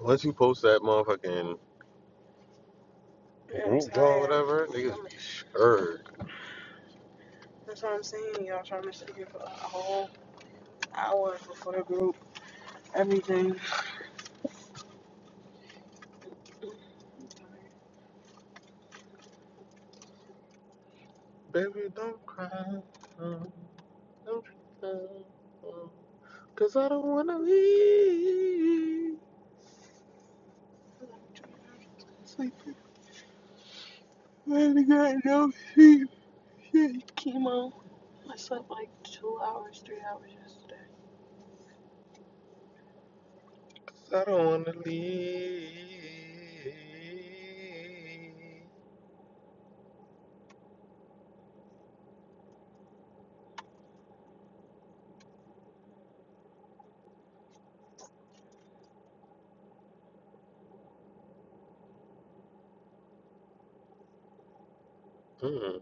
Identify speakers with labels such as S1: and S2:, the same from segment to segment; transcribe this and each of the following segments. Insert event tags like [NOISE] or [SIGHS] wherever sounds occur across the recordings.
S1: Once you post that motherfucking shirt, baby, don't cry. uh, Don't cry. uh, Cause I don't wanna leave. Cause I don't wanna leave. Mm,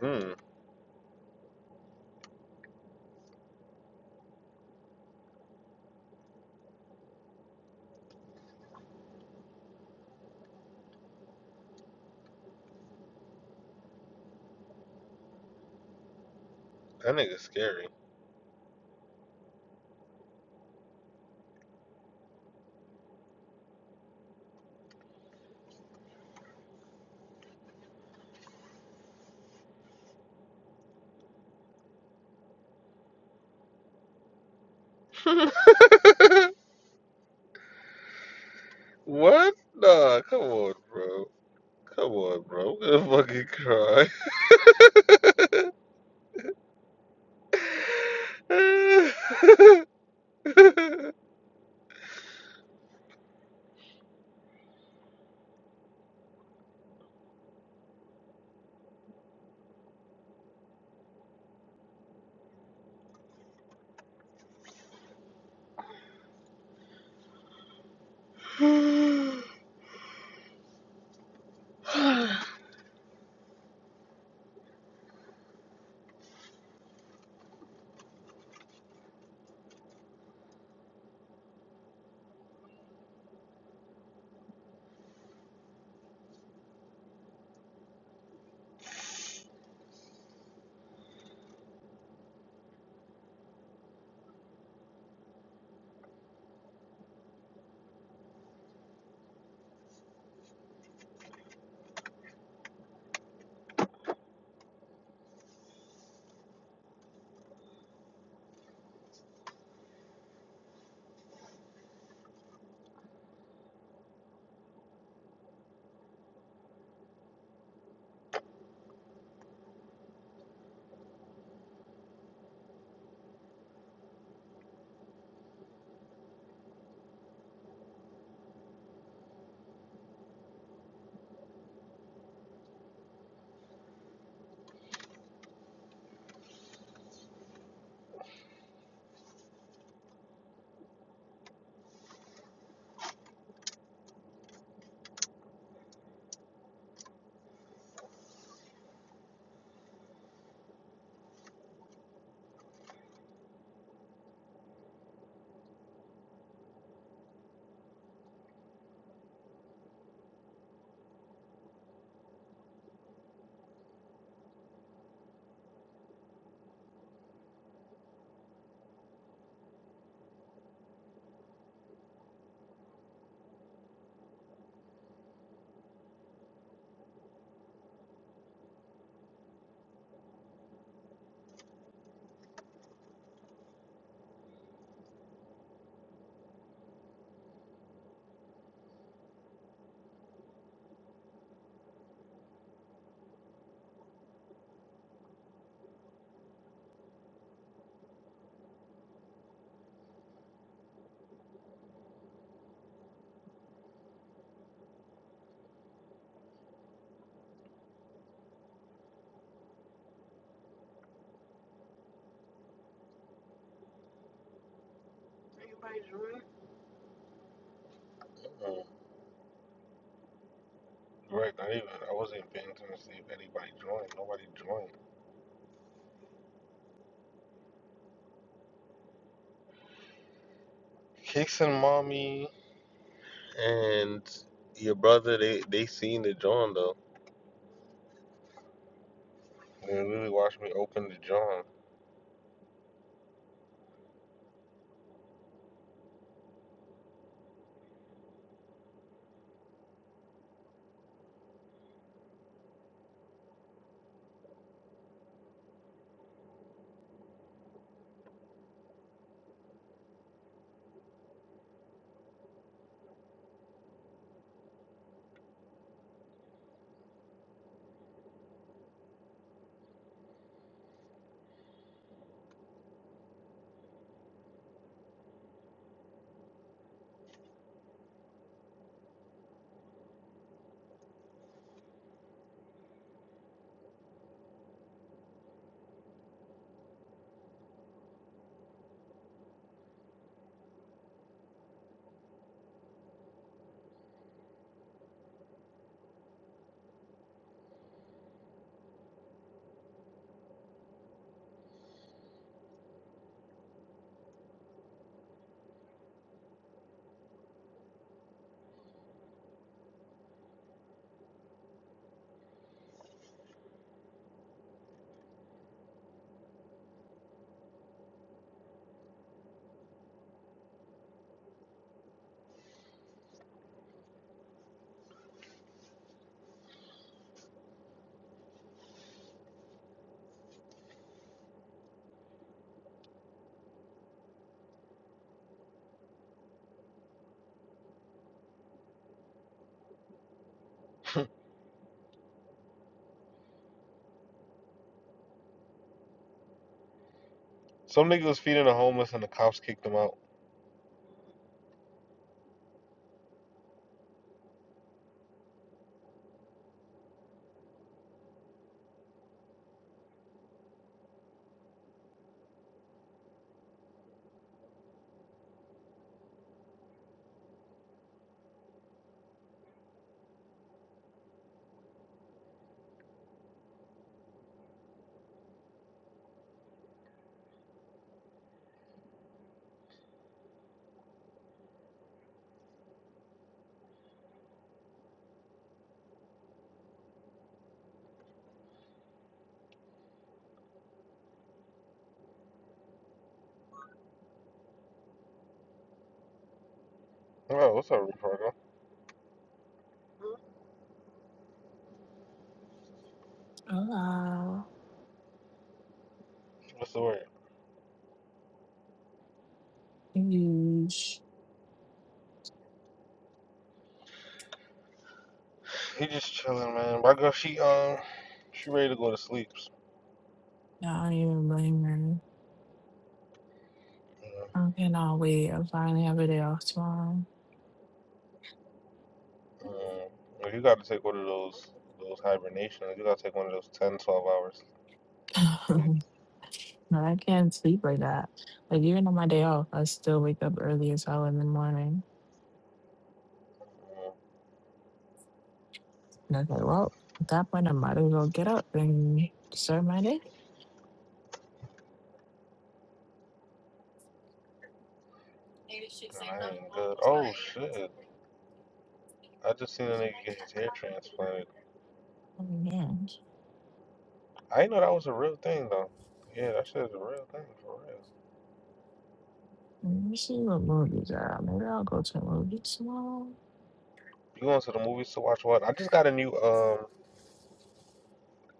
S1: mm, that nigga's scary. [LAUGHS] what? Nah, come on, bro. Come on, bro. I'm gonna fucking cry. [LAUGHS] [SIGHS] Uh, right, not even. I wasn't paying attention to see if anybody joined. Nobody joined. Kicks and mommy and your brother, they they seen the John though. They literally watched me open the John. Some nigga was feeding the homeless and the cops kicked him out. Oh, what's up, Ricardo?
S2: Uh,
S1: What's the word?
S2: huge.
S1: He just chilling, man. My girl, she um, she ready to go to sleep.
S2: No, I don't even blame her.
S1: Yeah.
S2: I cannot wait. i finally have a day off tomorrow.
S1: Um, you got to take one of those
S2: [LAUGHS]
S1: those hibernations, you got to take one of those ten, twelve 12 hours
S2: but
S1: sleeps.
S2: I can't sleep like that. Like even on my day off, I still wake up early as hell in the morning. And I was like, well, at that point, I might as well get up and start my day.
S1: And I ain't good. Oh shit! I just seen a nigga get his hair transplanted.
S2: Oh man,
S1: I didn't know that was a real thing though. Yeah, that shit is a real thing for real.
S2: Let me see what movies are. Maybe I'll go to a movie tomorrow.
S1: You going to the movies to watch what? I just got a new um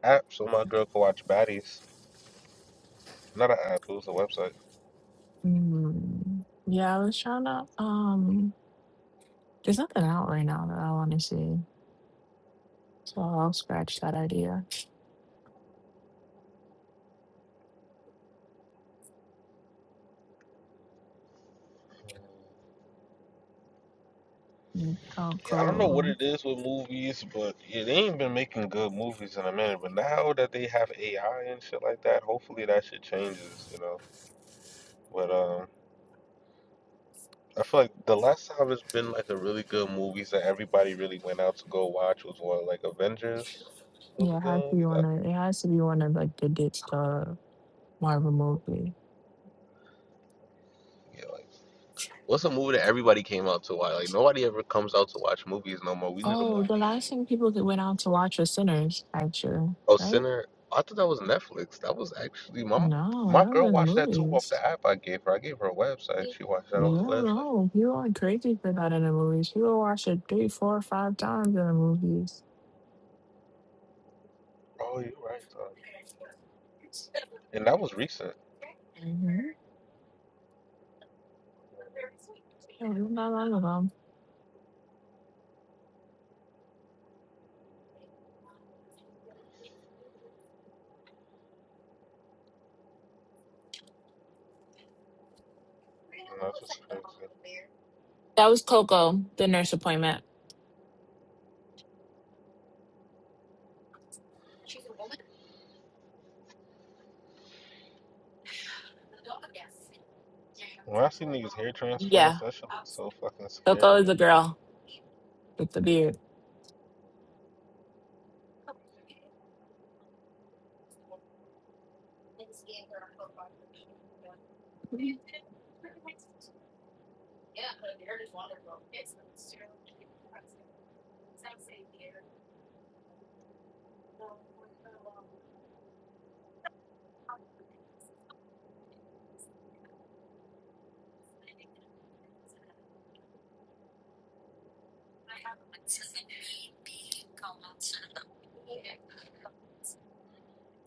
S1: app so my girl can watch Baddies. Not an app, it was a website.
S2: Mm, yeah, I was trying to. Um, there's nothing out right now that I want to see, so I'll scratch that idea. Maybe I'll
S1: Yeah, I don't know what
S2: go.
S1: it is with movies, but yeah, they ain't been making good movies in a minute. But now that they have AI and shit like that, hopefully that shit changes, you know. But um. I feel like the last time it's been like a really good movies that everybody really went out to go watch was what like Avengers was
S2: Yeah,
S1: a
S2: it
S1: good
S2: has to be
S1: movie.
S2: one
S1: I
S2: of. It has to be one of like the ditch the Marvel movie.
S1: yeah, like what's a movie that everybody came out to watch? Like nobody ever comes out to watch movies no more. We need a
S2: Oh, the
S1: movie.
S2: last thing people that went out to watch was Sinners, actually,
S1: Oh,
S2: right?
S1: Sinner. I thought that was Netflix. That was actually my
S2: No,
S1: my
S2: that was
S1: girl
S2: in the
S1: watched that too off
S2: movies.
S1: the app I gave her. I gave her a website. She watched that off the website.
S2: No, people went crazy for that in the movies. People watched it three, four, five times in the movies.
S1: Oh, you're right. Though. And that was recent.
S2: Mm-hmm. Not long ago.
S1: And that's just crazy.
S2: That was Coco, the nurse appointment.
S1: When I see niggas hair
S2: Yeah,
S1: transplants, that shit looks so fucking
S2: Coco
S1: scary.
S2: is a girl with the beard.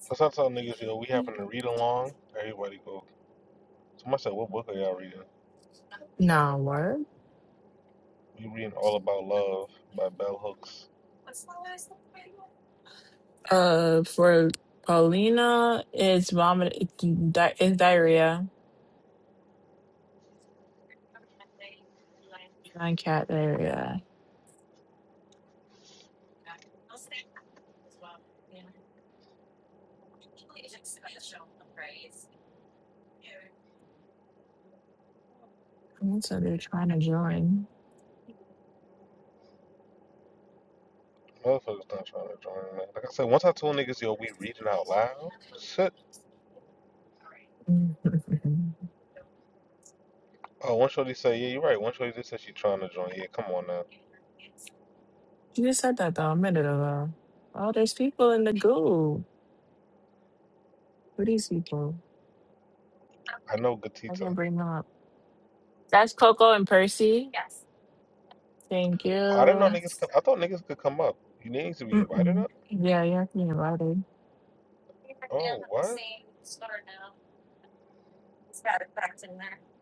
S1: That's I tell niggas, yo, we having to read along. Everybody go. Somebody said, what book are y'all reading?
S2: No what?
S1: We reading All About Love by Bell Hooks.
S2: Uh, for Paulina, it's vomit. It's, di- it's diarrhea. Canine cat diarrhea. And so they're trying to join.
S1: Motherfuckers not trying to join, Like I said, once I told niggas, yo, we reading out loud, shit.
S2: [LAUGHS] you
S1: Oh, one shorty say, yeah, you're right. One shorty just said she trying to join. Yeah, come on now.
S2: just said that though a minute ago. Oh, there's people in the group. Who are these people?
S1: I know
S2: I
S1: Gatita.
S2: can bring them up. That's Coco and Percy. Thank
S1: Oh, I didn't
S2: you.
S1: know niggas could, I thought niggas could come up. You niggas to be invited
S2: Mm-mm.
S1: up?
S2: Yeah, you're invited.
S1: Oh, what?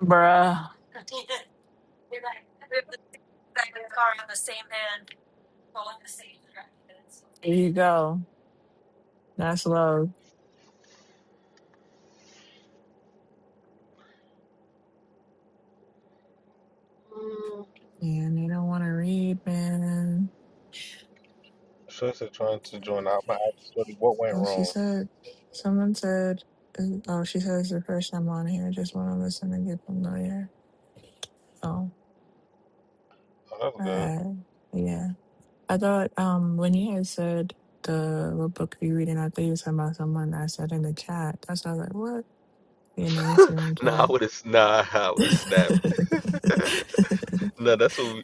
S2: Bruh, here you go. That's love. And they don't want to read, man.
S1: Shorty said trying to join out. My shorty, what went
S2: Well, she
S1: wrong?
S2: said, someone said, oh, she says the first time on here, just want to listen and get familiar. Oh,
S1: Oh, that was
S2: alright. yeah. I thought um when you had said the what book are you reading, I thought you were talking about someone I said in the chat. That's why I was like, what? In the
S1: good. [LAUGHS]
S2: Instagram
S1: Nah, I would have. Nah, [LAUGHS] I
S2: chat.
S1: would have snapped. [LAUGHS]
S2: [LAUGHS]
S1: no, that's what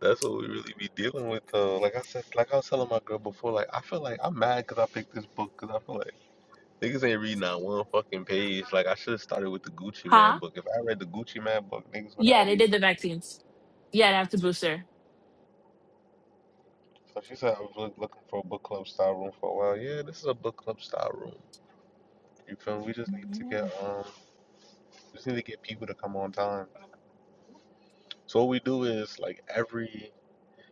S1: That's what we really be dealing with, though. Like I said, like I was telling my girl before, like I feel like I'm mad because I picked this book because I feel like niggas ain't reading not one fucking page. Like I should have started with the Gucci Man
S2: Huh?
S1: book. If I read the Gucci Man book, niggas would have
S2: Yeah,
S1: at
S2: they did
S1: least.
S2: the vaccines. Yeah, after booster.
S1: So she said I was look, looking for a book club style room for a while. Yeah, this is a book club style room. You feel me? We just need to
S2: yeah,
S1: get um, we just need to get people to come on time. So what we do is like every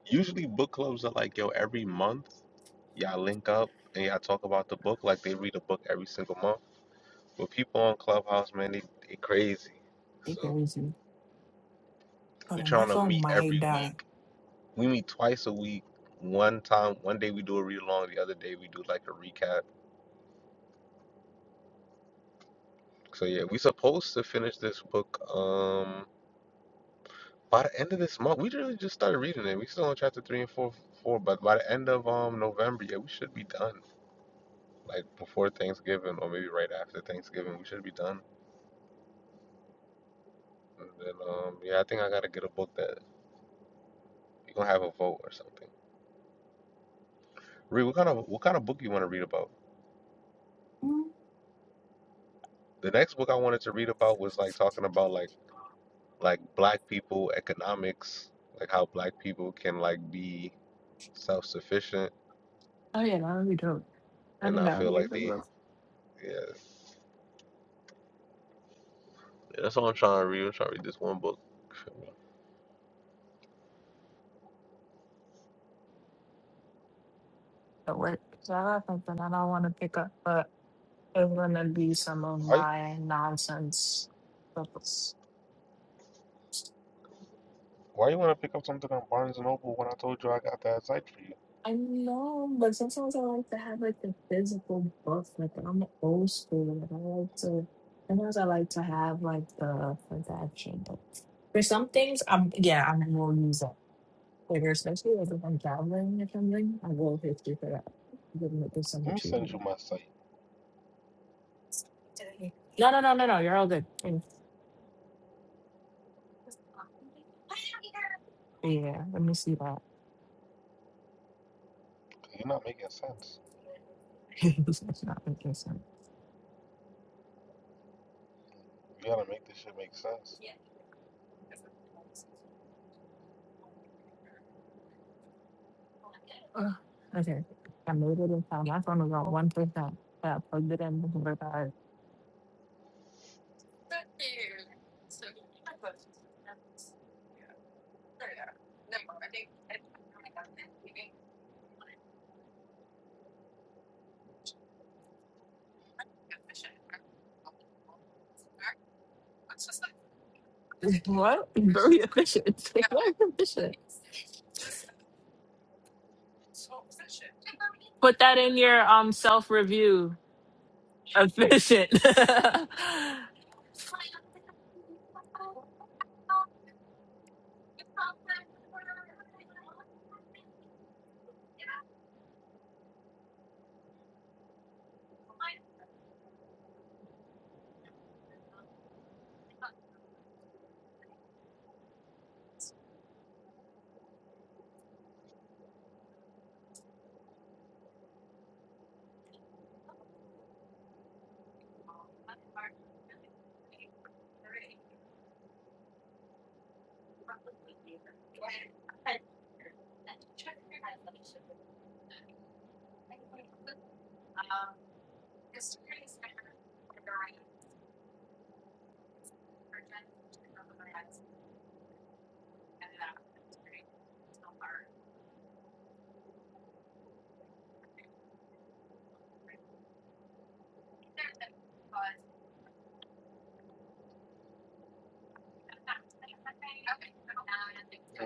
S1: usually book clubs are like yo every month y'all link up and y'all talk about the book like they read a book every single month But people on Clubhouse, man, they, they crazy.
S2: they
S1: So
S2: crazy. Hold
S1: we're
S2: on, my
S1: trying to
S2: phone
S1: meet
S2: might
S1: every
S2: die.
S1: week. We meet twice a week. One time, one day we do a read along, the other day we do like a recap. So yeah, we supposed to finish this book um by the end of this month. We really just started reading it. We still on chapter three and four four, but by the end of um November, yeah, we should be done. Like before Thanksgiving or maybe right after Thanksgiving, we should be done. And then um yeah, I think I gotta get a book that we gonna have a vote or something. Reed, what kind of what kind of book you wanna read about?
S2: Mm.
S1: The next book I wanted to read about was like talking about like like black people economics, like how black people can like be self-sufficient
S2: Oh yeah, that would be dope. I
S1: and
S2: think
S1: not
S2: that would
S1: feel
S2: be a
S1: like
S2: good
S1: they
S2: one
S1: yeah. yeah that's all I'm trying to read. I'm trying to read this one book.
S2: to work. So I got something I don't want to pick up, but it's gonna be some of
S1: Why,
S2: my nonsense books.
S1: why you want to pick up something on Barnes& and Noble when I told you I got that site for you?
S2: I know, but sometimes I like to have like the physical book. Like I'm old school. Like I like to. Sometimes I like to have like the like the actual book. For some things, I'm yeah, I will use it. Like especially like if I'm traveling or something, I will history for that. Give it to some
S1: Let me send
S2: retreat.
S1: you my site.
S2: No, no, no, no, no. You're all good. And- Yeah, let me see that.
S1: you are not making sense.
S2: [LAUGHS] That's not making sense.
S1: You gotta make this shit make sense.
S2: Ugh. Okay, I made it in time. My phone was on one percent, but I plugged it in before I died. [LAUGHS] What? Very efficient. [LAUGHS] Like, What is efficient? Put that in your um self review. Efficient. [LAUGHS] yeah,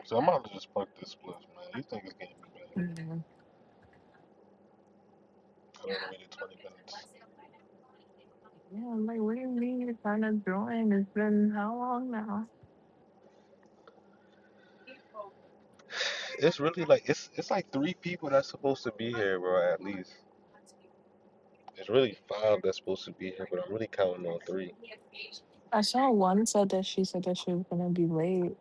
S1: So I'm about to just park this spliff, man. You think it's getting me back? I done waited 20 minutes.
S2: I'm like, what do you mean you're trying to join? It's been how long now?
S1: It's really like it's it's like three people that's supposed to be here, bro. At least it's really five that's supposed to be here, but I'm really counting on three.
S2: I saw one said that she said that she was gonna be late.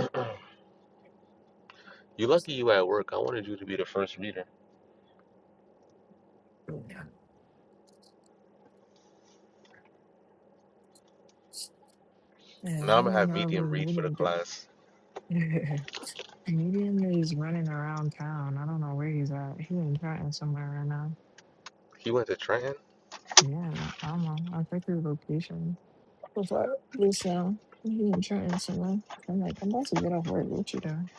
S1: Mhm. [CLEARS THROAT] You lucky you at work. I wanted you to be the first reader.
S2: Yeah, I
S1: Now I'm gonna
S2: don't
S1: have
S2: know if
S1: medium
S2: we're
S1: read for the
S2: meeting.
S1: class.
S2: [LAUGHS] Comedian that he's running around town. I don't know where he's at. He's in Trenton somewhere right now.
S1: He went to Trenton.
S2: Yeah, I don't know. I checked his location before this now. He's in Trenton somewhere. I'm like, I'm about to get off work. What you doing?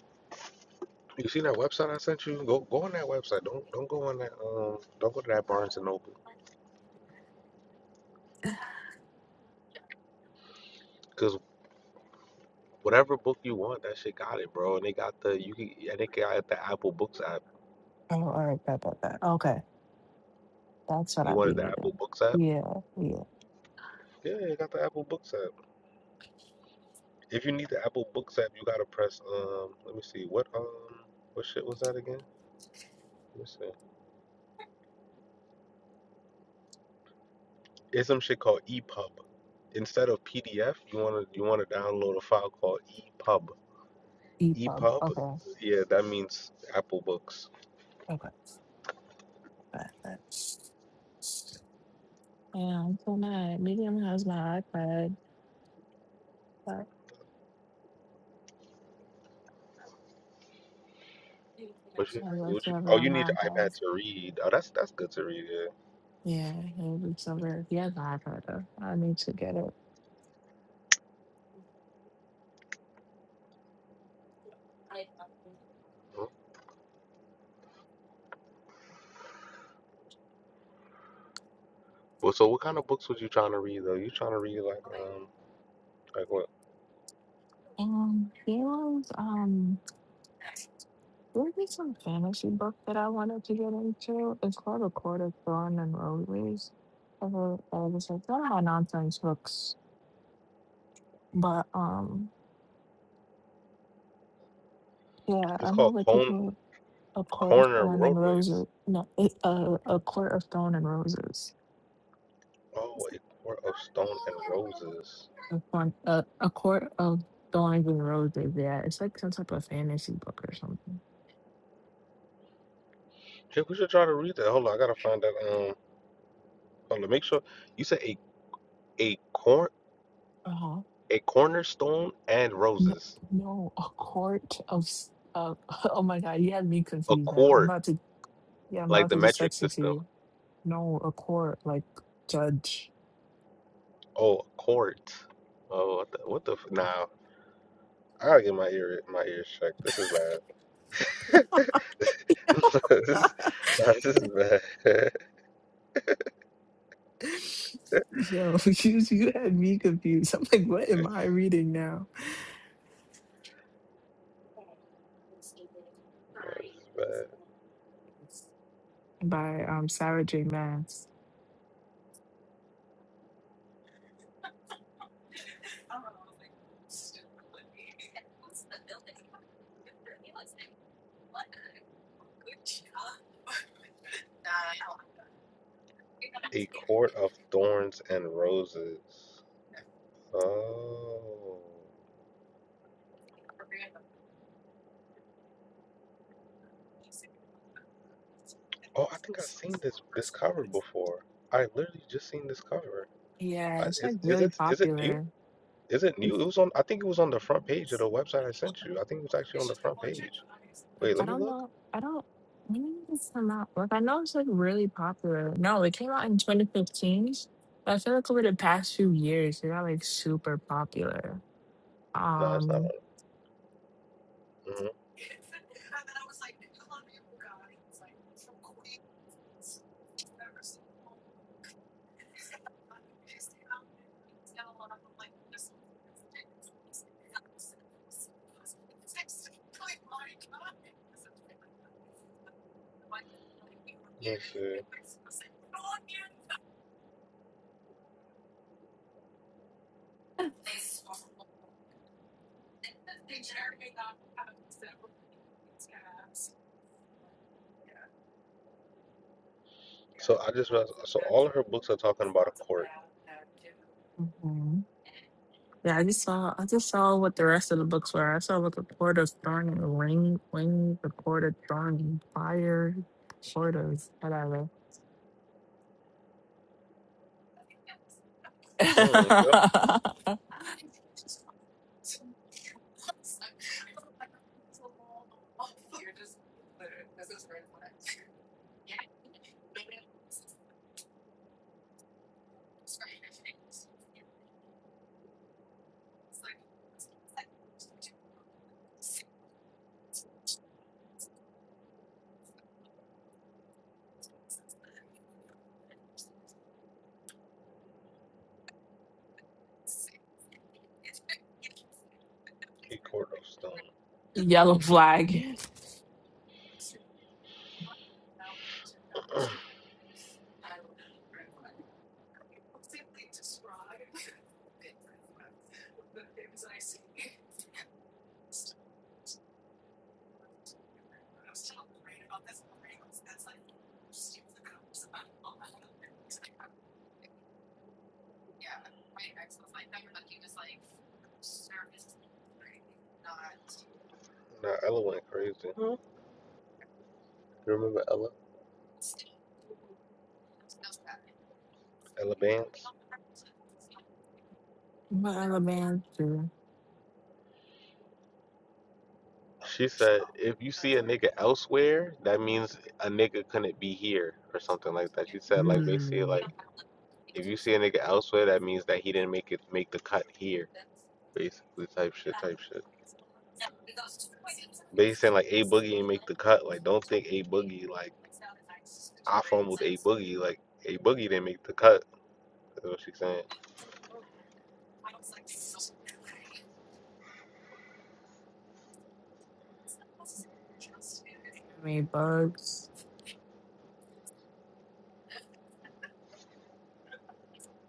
S1: You seen that website I sent you? Go go on that website. Don't don't go on that um don't go to that Barnes and Noble. Cause whatever book you want, that shit got it, bro. And they got the you can and they got the Apple Books app.
S2: Oh, all right, bet, bet, bet. Okay, that's what
S1: You
S2: I be
S1: wanted the Apple
S2: needing.
S1: Books app?
S2: Yeah, yeah.
S1: Yeah, they got the Apple Books app. If you need the Apple Books app, you gotta press um. Let me see what um what shit was that again? Let me see. It's some shit called EPUB. Instead of PDF, you wanna you wanna download a file called EPUB.
S2: EPUB.
S1: EPUB,
S2: Okay,
S1: yeah, that means Apple Books.
S2: okay, bet, bet. Yeah, I'm so mad. Medium has my iPad, but
S1: What you,
S2: I love
S1: what
S2: to
S1: you,
S2: have it
S1: oh, you
S2: on
S1: need
S2: my
S1: your
S2: iPad.
S1: iPad to read. Oh, that's that's good to read. Yeah.
S2: Yeah, it would be so weird. He has an iPad though. I need to get it.
S1: Huh? Well, so what kind of books was you trying to read though? You trying to read like um like what?
S2: And there was um there was some fantasy book that I wanted to get into. It's called A Court of Thorn and Roses. I was like, one of my nonsense books. But um yeah, I
S1: It's
S2: know
S1: called
S2: that
S1: Cone,
S2: people A Court of
S1: Corner
S2: Thorn and
S1: Roadways.
S2: Roses no it, uh, A Court of Thorn and Roses.
S1: Oh, a court of stone and roses.
S2: A, thorn, uh, a Court of Thorns and Roses, yeah. It's like some type of fantasy book or something.
S1: Yeah, we should try to read that. Hold on, I gotta find that. Um, hold on, make sure you said a a corn a cornerstone and
S2: No,
S1: roses,
S2: no, a court of, s- uh, [LAUGHS] oh my God, you had me
S1: a
S2: confused now. I'm
S1: quart
S2: about to, yeah, I'm
S1: like
S2: about
S1: the
S2: to just
S1: metric
S2: text it to
S1: system.
S2: you. No, a court, like judge.
S1: Oh, a quart. Oh, what the what the f- Wow. I gotta get my ear my ears checked. This is bad. [LAUGHS]
S2: [LAUGHS]
S1: this, is, nah, this is bad. [LAUGHS]
S2: Yo, [LAUGHS] you, you had me confused. I'm like, what am I reading now?
S1: Nah, this is bad.
S2: By um Sarah J. Maas.
S1: A quart of thorns and roses. Oh. Oh, I think I've seen this this cover before. I literally just seen this cover.
S2: Yeah,
S1: I,
S2: it's like
S1: is, is
S2: really
S1: it is it new?
S2: popular.
S1: Is it new? It was on. I think it was on the front page of the website I sent you. I think it was actually on the front page.
S2: Like,
S1: Wait,
S2: I
S1: let me
S2: don't
S1: look.
S2: know. I don't. When did this come out? Like, I know it's like really popular. No, it came out in 2015. But I feel like over the past few years, it got like super popular.
S1: No, it's not.
S2: Um,
S1: On, mhm. Let me see. So I just realized. So all of her books are talking about a court.
S2: mm, yeah, I just saw. I just saw what the rest of the books were. I saw what the Court of Thorn and Ring, Wing, the Court of Thorn and Fire, Court of whatever.
S1: Mm, yeah.
S2: [LAUGHS]
S1: Key Court of Stone.
S2: Yellow Flag.
S1: [CLEARS THROAT] now Ella went crazy. You remember Ella? Ella Vance.
S2: What other bands do?
S1: She said, "If you see a nigga elsewhere, that means a nigga couldn't be here, or something like that." She said,
S2: Mm,
S1: like basically, like if you see a nigga elsewhere, that means that he didn't make it make the cut here basically type shit, type shit. But he's saying like a boogie did make the cut. Like don't think a boogie like I fumbled a boogie. Like a boogie didn't make the cut. That's what she's saying.
S2: Anime Bugs.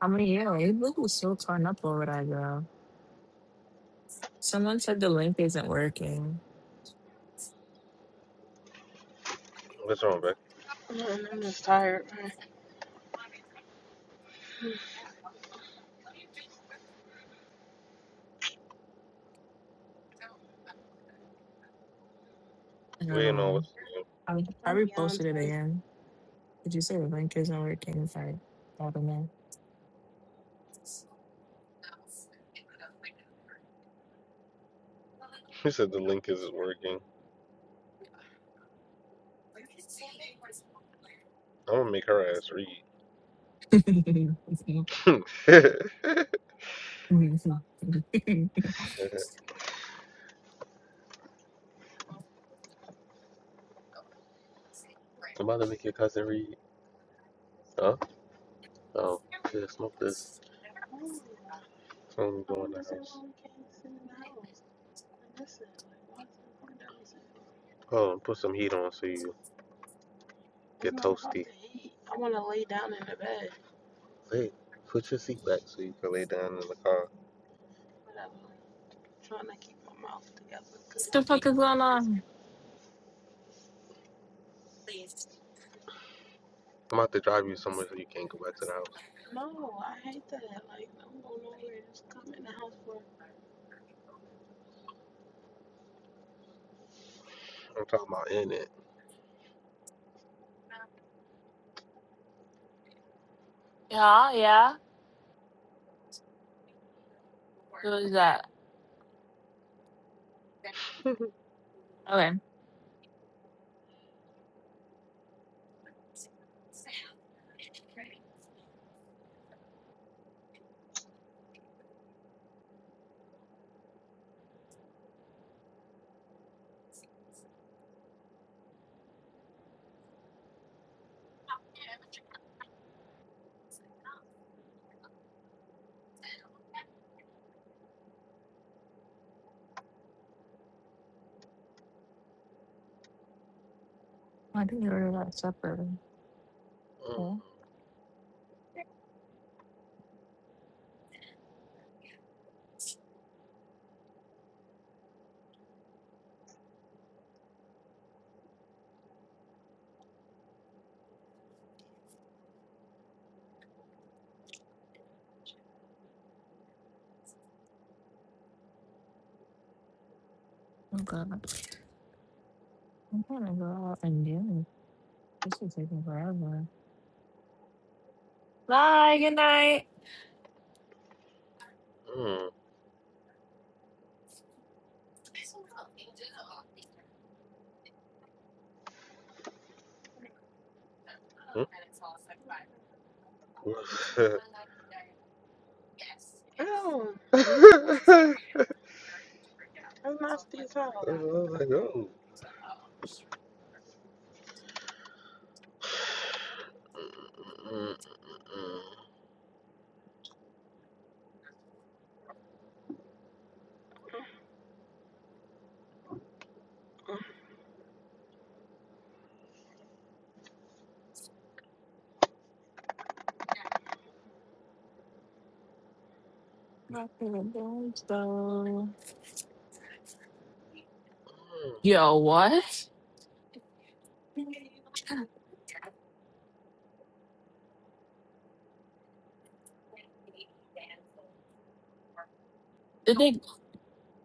S2: I mean, yeah, it Luke was so torn up over that girl. Someone said the link isn't working.
S1: What's wrong, Beck?
S2: I don't
S1: We ain't know
S2: know.
S1: what's. You know. [LAUGHS]
S2: I, I reposted it again. Did you say the link isn't working? It's like, I don't
S1: She said the link isn't working. I'm gonna make her ass read.
S2: know. [LAUGHS]
S1: [LAUGHS] I'm about to make your cousin read. Huh? Oh, yeah, smoke this. Some, oh, and put some heat on so you Hey, Put your seat back so you can lay down in the car.
S2: Mom.
S1: I'm about to drive you somewhere so you can't go back to the house. I'm talking about in it.
S2: Yeah, yeah. is that? Okay. I think you ordered that separately.
S1: Mm.
S2: Oh, oh God. I'm trying to go out and do it. This is taking forever. Bye, good night.
S1: Mm. Mm. [LAUGHS] I was like, oh. Mm, mm,
S2: Not feeling good, so-
S1: mm.
S2: Yo, what? Did they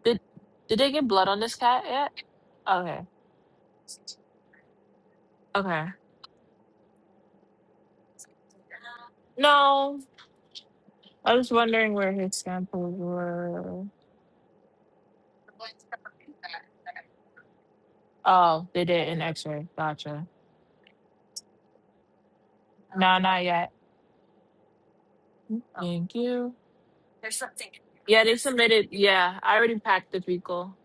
S2: Did did they get blood on this cat yet? Okay. Okay. No. I was wondering where his samples were. Oh, they did an X-ray. Gotcha. No, not yet. Thank you. Yeah, they submitted. Yeah, I already packed the vehicle.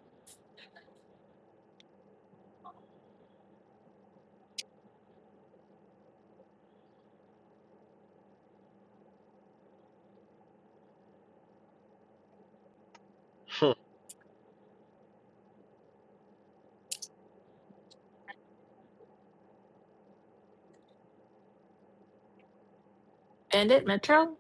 S1: [LAUGHS]
S2: And it Metro?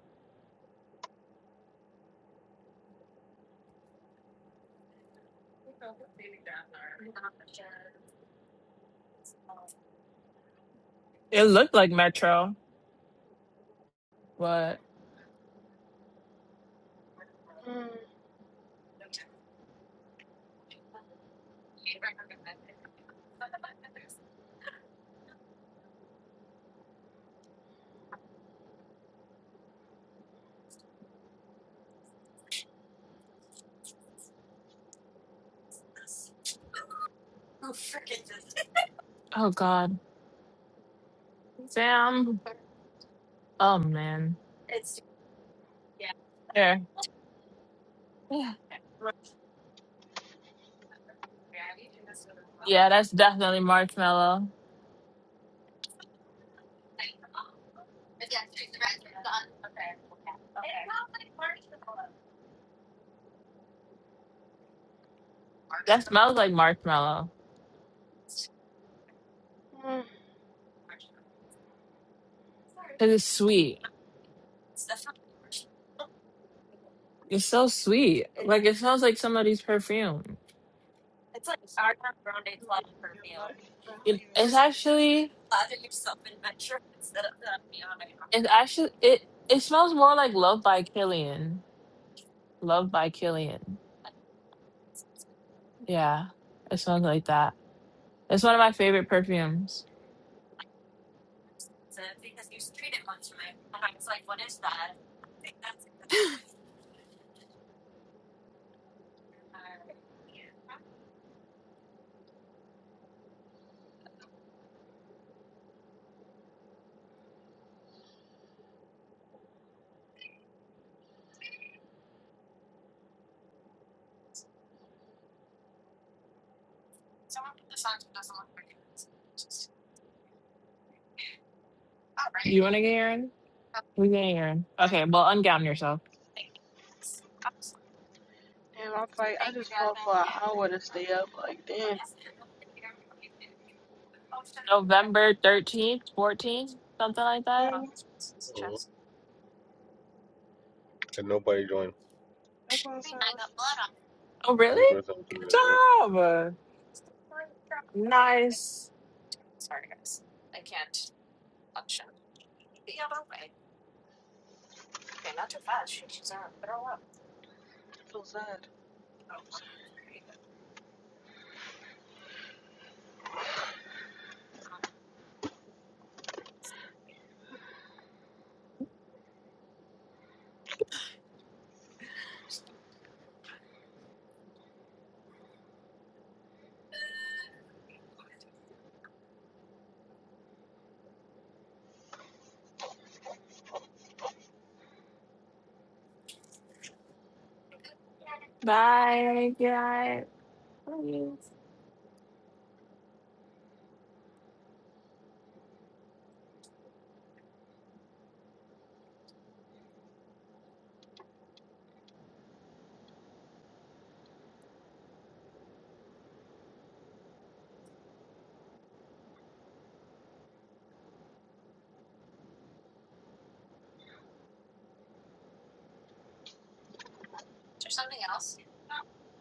S2: It looked like Metro, but Oh God. Sam. Oh man. yeah. Yeah, that's definitely marshmallow. It smells like marshmallow. Cause it's sweet. It's so sweet. Like it smells like somebody's perfume. It, it's actually it's actually it it smells more like Love by Killian. Love by Killian. Yeah. It smells like that. It's one of my favorite perfumes. You wanna get Aaron? We get Aaron. Okay, well ungown yourself. November thirteenth, fourteenth, something like that.
S1: Mm. And nobody joined.
S2: Oh
S1: Mm,
S2: really?
S1: Great time to do
S2: Good
S1: this, right?
S2: job.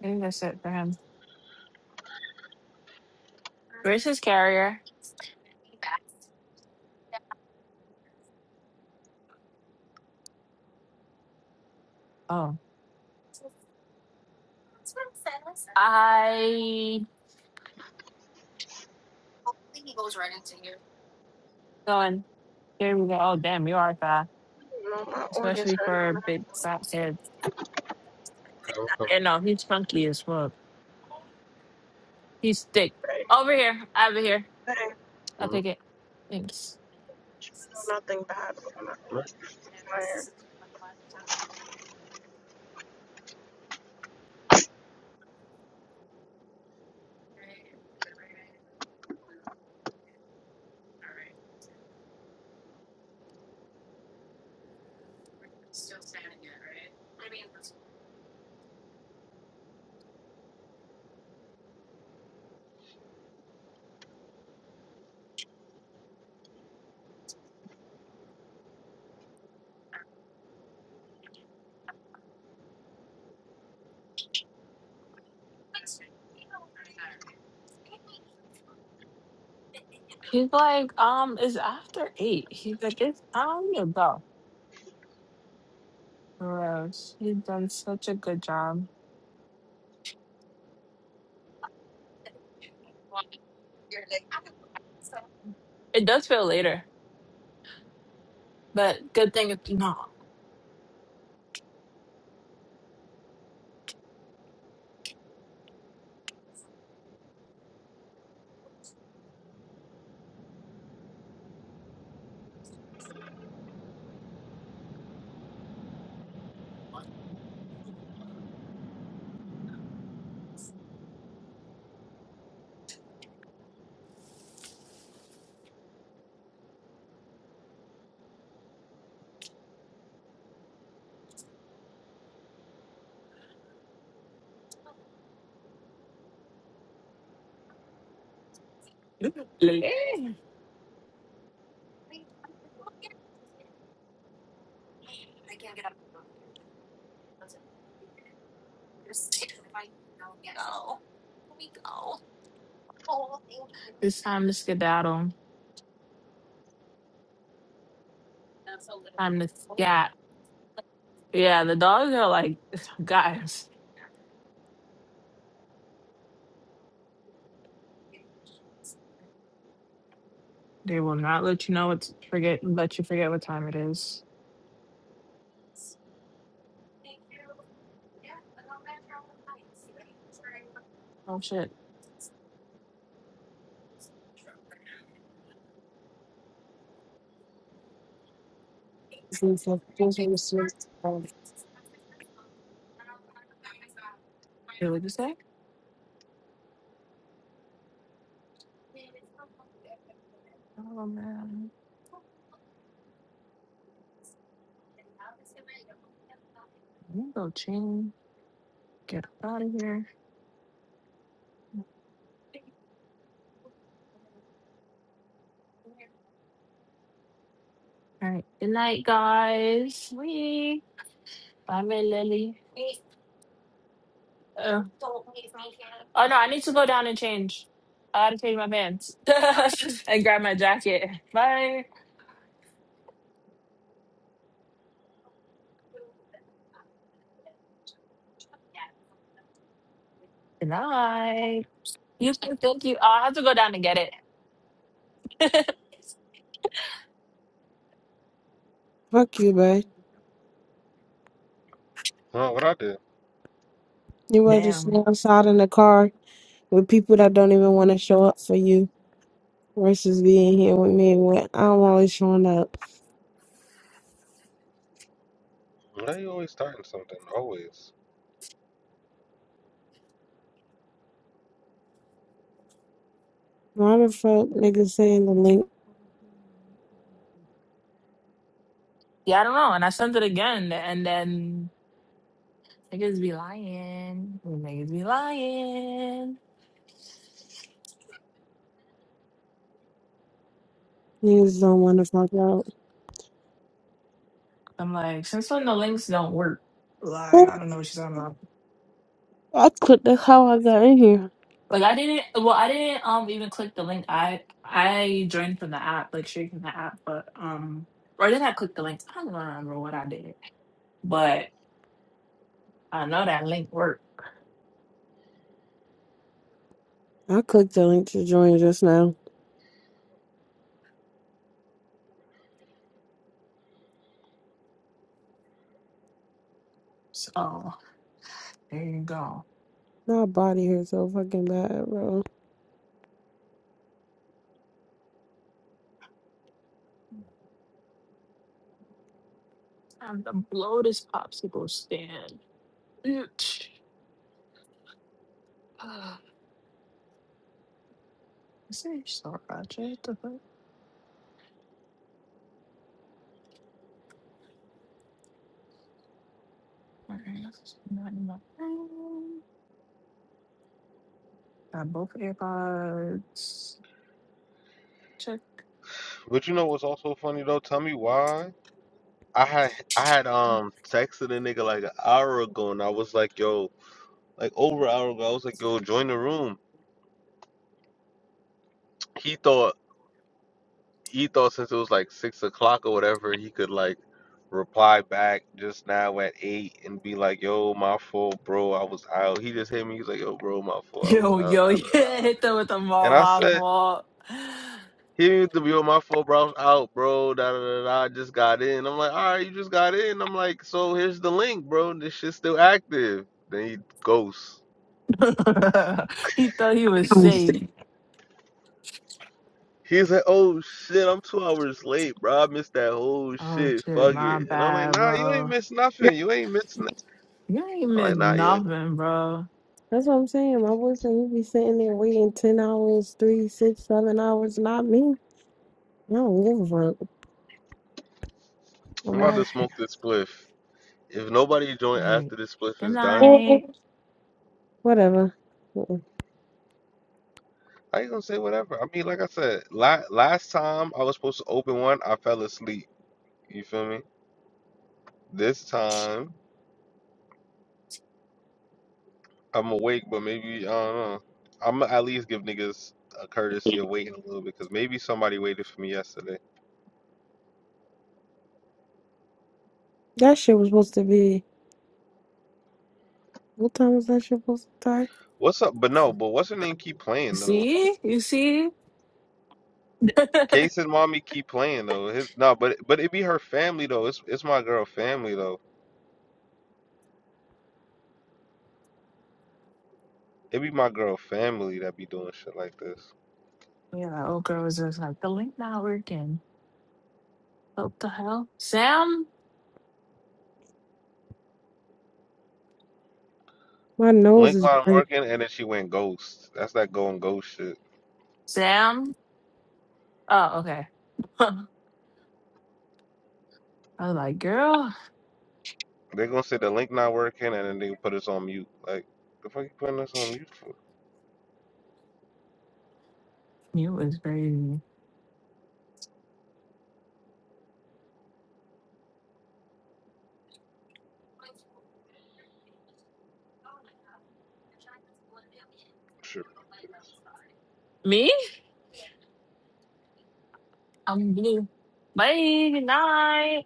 S2: I think that's it for him. Where's his carrier? Oh. I going. Here we go. Oh damn, you are fast. especially for big fat kids.
S1: How come?
S2: And no, he's funky as fuck. He's thick. Over here, over here. I'll
S1: Mm,
S2: take it. Thanks.
S1: right.
S2: He's like, um, it's after eight. He's like, it's time to go. Gross. He's done such a good job. It does feel later, but good thing it's not. late. It's time to skedaddle from the cat. Yeah, the dogs are like, [LAUGHS] guys, they will not let you know what to forget, let you forget what time it is. Oh shit.
S3: Fuck
S2: what did you say? Oh man. I'm gonna go change, get up out of here. All right. Good night, guys. We. Bye, my Lily. Uh, oh, no, I need to go down and change. I gotta change my pants [LAUGHS] and grab my jacket. Bye. Good night. You can thank you. I have to go down and get it.
S3: you, babe.
S1: Huh, what I did?
S3: You rather just
S2: Damn.
S3: outside in the car with people that don't even want to show up for you versus being here with me when I'm always showing up.
S1: Why you always starting something? Always.
S3: Why the fuck niggas saying the link
S2: Yeah, I don't know. And I sent it again, and then niggas be lying. Niggas be lying.
S3: niggas don't want to fuck out?
S2: I'm like, since when the links don't work? Like, I
S3: Ooh,
S2: don't know what she's talking about.
S3: I clicked that's how I got in here.
S2: Like I didn't well I didn't um even click the link. I I joined from the app, like straight from the app, but um or did I click the link? I don't remember what I did. But I know that link worked.
S3: I clicked the link to join just now.
S2: So there you go.
S3: My body hurts so fucking bad, bro.
S2: Time to blow this popsicle stand. Bitch. Ah, Is it so Roger? What the fuck? Mm, Not in my phone. Got both AirPods. Check.
S1: But you know what's also funny though? Tell me why. I had I had um texted a nigga like an hour ago and I was like, yo, like over an hour ago, I was like, yo, join the room. He thought he thought since it was like six o'clock or whatever, he could like reply back just now at eight and be like, "Yo, my fault, bro. I was out." He just hit me. He's like, "Yo, bro, my
S2: [LAUGHS]
S1: fault. I was
S2: Yo,
S1: out."
S2: yo,
S1: Da da da.
S2: yeah,
S1: da."
S2: hit them with them
S1: And
S2: all
S1: I
S2: my
S1: said,
S2: fault.
S1: "He didn't even do, yo, my fault, bro. I was out, bro. Da da da da. I just got in." I'm like, "All right, you just got in." I'm like, "So here's the link, bro. This shit's still active." Then he ghosts.
S2: [LAUGHS] he thought he
S3: That's
S2: was safe.
S1: He's like, oh shit, I'm two hours late, bro. I missed that whole
S2: Oh
S1: shit.
S2: shit,
S1: Fuck
S2: my
S1: it. And I'm like,
S2: bad,
S1: nah, you ain't
S2: bro.
S1: missed nothing. You ain't missed
S2: You ain't
S1: Like,
S2: missed
S1: nah, you ain't-
S2: nothing, bro.
S3: what I'm saying. My boy said you be sitting there waiting ten hours, three, six, seven hours, not me. I don't give a fuck.
S1: I'm
S3: I'm
S2: All
S1: about
S3: out
S1: to smoke this spliff. If nobody join
S2: right.
S1: after this spliff
S2: Good
S1: is done,
S3: here.
S2: night.
S3: Whatever. Mm-mm.
S1: I ain't gonna say whatever. I mean, like I said, la last time I was supposed to open one, I fell asleep. You feel me? This time I'm awake, but maybe I don't know. I'm gonna at least give niggas a courtesy of waiting a little bit, cause maybe somebody waited for me yesterday.
S3: That shit was supposed to be. What time was that shit supposed to start?
S1: What's up? But no, but what's her name? Keep
S2: You
S1: playing though.
S2: see? You see? [LAUGHS] yeah,
S1: Case and mommy keep playing though. His, no, but but it be her family though. It's it's my girl family though. It be my girl family that be doing shit like this.
S2: that old girl was just like, the link not working. What the hell? Sam?
S3: My nose
S1: Link
S3: is
S1: not
S3: burning.
S1: working, and then she went ghost. That's that going ghost shit.
S2: Sam? Oh, okay. [LAUGHS] I was like, girl,
S1: They gonna say the link not working, and then they put us on mute. Like, the fuck you putting us on mute for?
S2: you was crazy.
S1: Shit. ridiculous.
S2: Me? I'm blue. Bye, good night.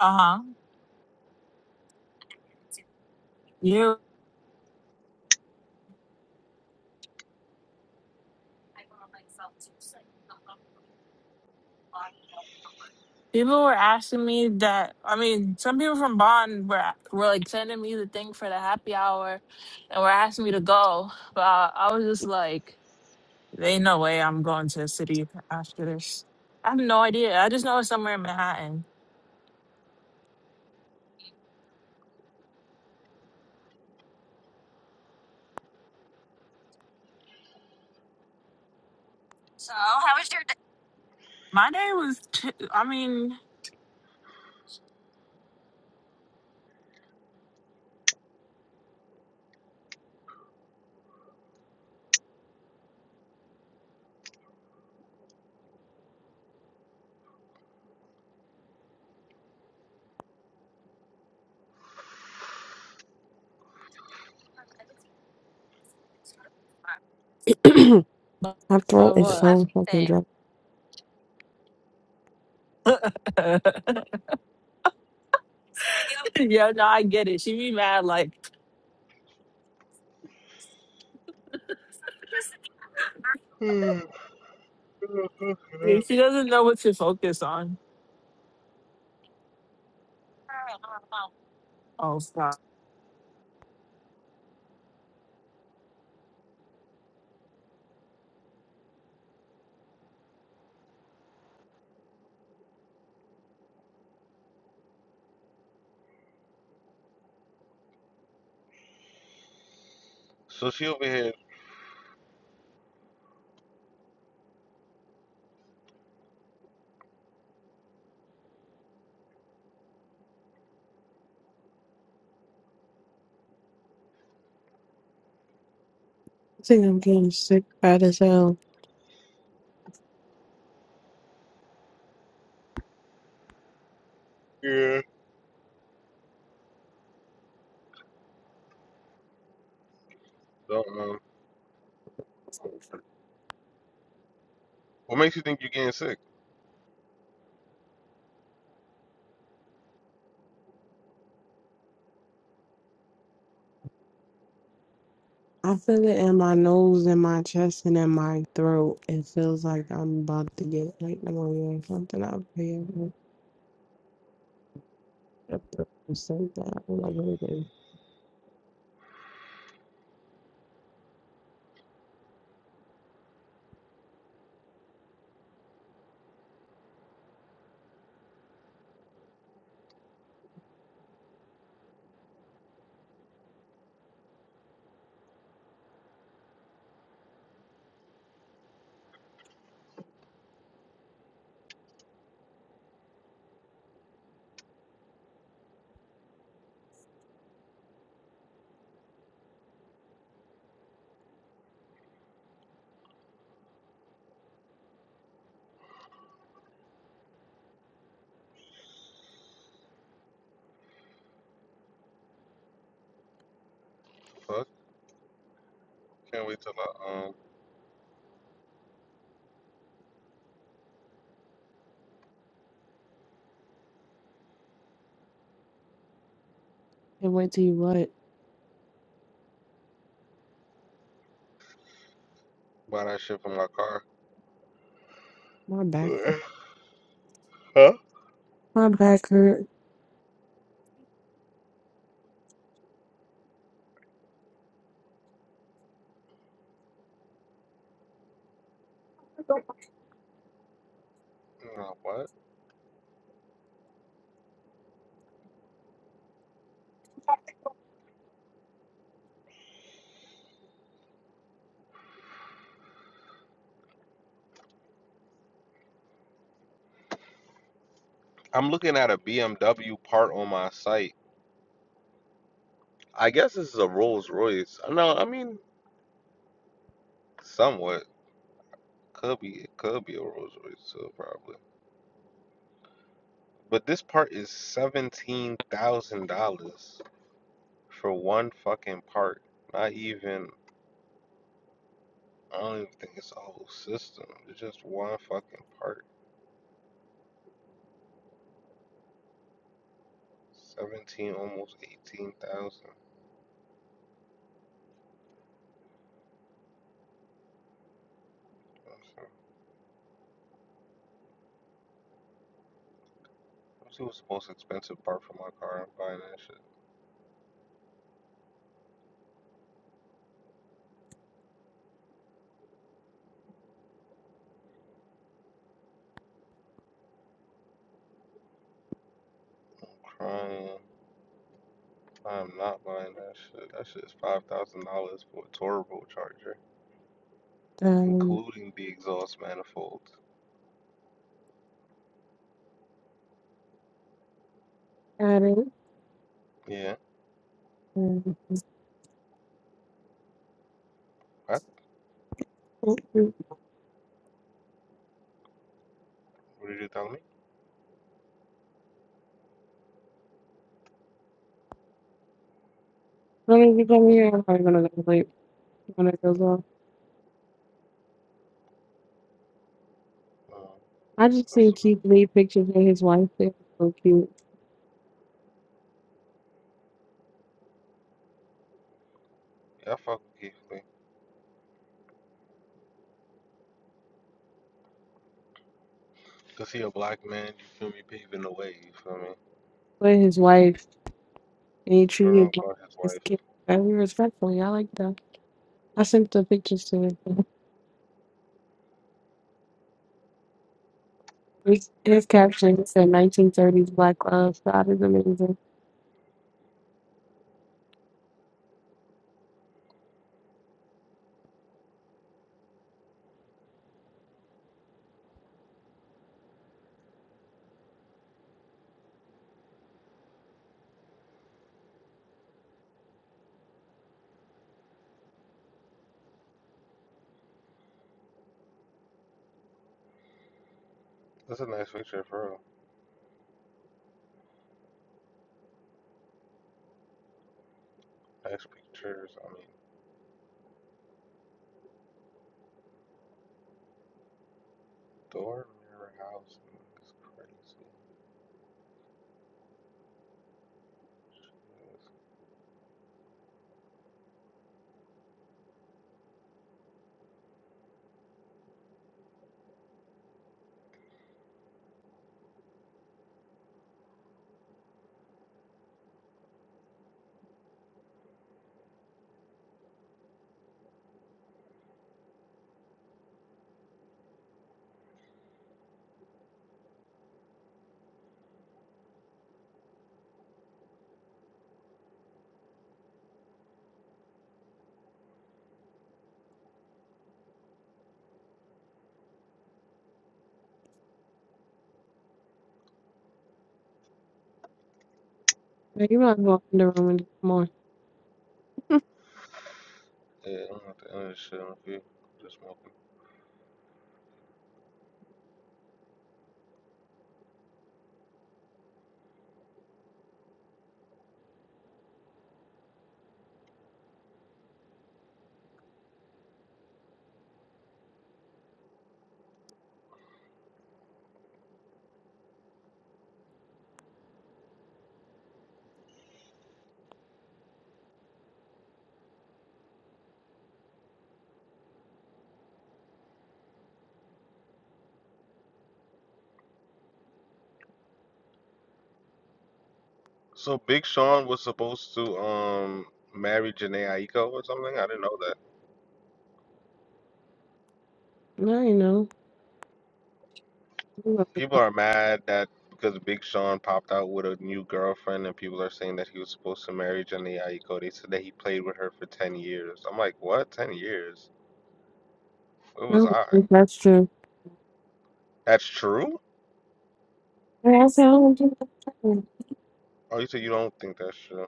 S2: Uh-huh. You. People were asking me that. I mean, some people from Bond were were like sending me the thing for the happy hour, and were asking me to go. But I, I was just like, "There "Ain't no way I'm going to the city after this." I have no idea. I just know it's somewhere in Manhattan. My day was. T- I mean,
S3: [CLEARS THROAT] My
S2: uh,
S3: throat is
S2: what?
S3: so fucking dry. I
S2: [LAUGHS] yeah, no, I get it. She be mad like she doesn't know what to focus on. Oh, stop.
S1: So she over here.
S3: think I'm getting sick bad as hell.
S1: Yeah. Don't know. What makes you think you getting sick?
S3: I feel it in my nose and my chest and in my throat. It feels like I'm about to get like pneumonia or something. I'll pay it. So bad. I don't know what it is.
S1: Fuck. Can't wait till I um
S3: And wait till you what?
S1: buy that shit for my car.
S3: My back.
S1: [LAUGHS] huh?
S3: My back hurt.
S1: Nah, what? I'm looking at a BMW part on my site. I guess this is a Rolls Royce. No, I mean somewhat. Could be it could be a Rolls Royce too, probably. But this part is seventeen thousand dollars for one fucking part. Not even I don't even think it's a whole system. It's just one fucking part. Seventeen, almost eighteen thousand. what's the most expensive part for my car. I'm buying that shit. Crying. I'm not buying that shit. That shit is five thousand dollars for a turbocharger,
S3: Um,
S1: including the exhaust manifold.
S3: got it.
S1: Yeah. What?
S3: As
S1: What did you tell me?
S3: soon as you come here, I'm probably gonna go to sleep when it goes off.
S1: Uh,
S3: I just
S1: that's
S3: seen
S1: a,
S3: Keith Lee pictures of his wife. They were so cute.
S1: yeah, I fuck with Keith Lee. Cause he a black man, you feel me, paving the way, you feel me?
S3: But his wife, and he
S1: I don't know
S3: treated his wife
S1: about his
S3: and his
S1: wife.
S3: kid very respectfully. I like that. I sent the pictures to him. His, his caption it said 1930s Black Love. So that is amazing.
S1: That's a nice picture bro. Nice pictures. I mean, door, mirror, house, it's
S3: Now, you might walk in the room and come on.
S1: crazy. Yeah, I'm at the end of this shit, I'm good. Just smoking. So Big Sean was supposed to um marry Janae Aiko or something? I didn't know that.
S3: No, you know. You might as
S1: People
S3: well.
S1: are mad that because Big Sean popped out with a new girlfriend and people are saying that he was supposed to marry Jenny Aiko. They said that he played with her for 10 years. I'm like, what? 10 years? Where was
S3: No,
S1: I?
S3: no, that's true.
S1: That's true?
S3: And I said, oh, I'm just-
S1: Oh, you said you don't think that's true.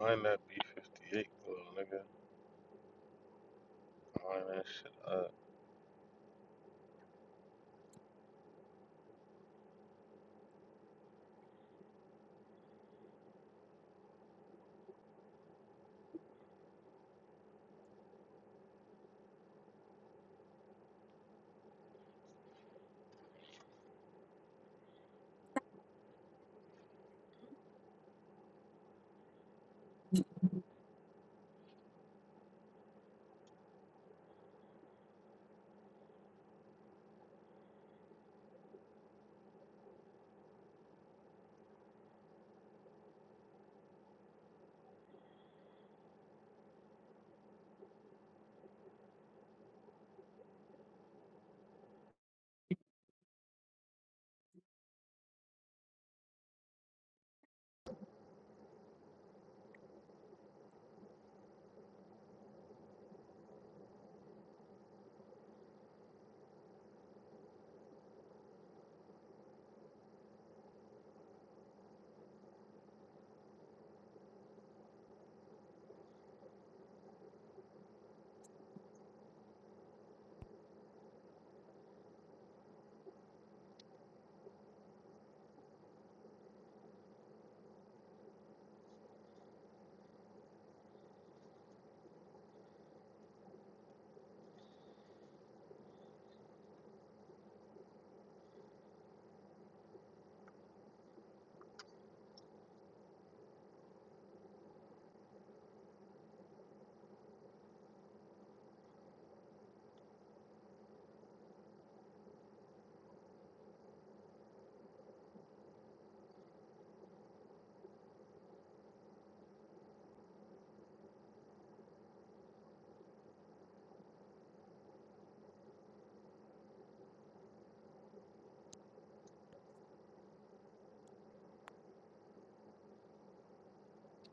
S1: Line that B58, little nigga. Line that shit up.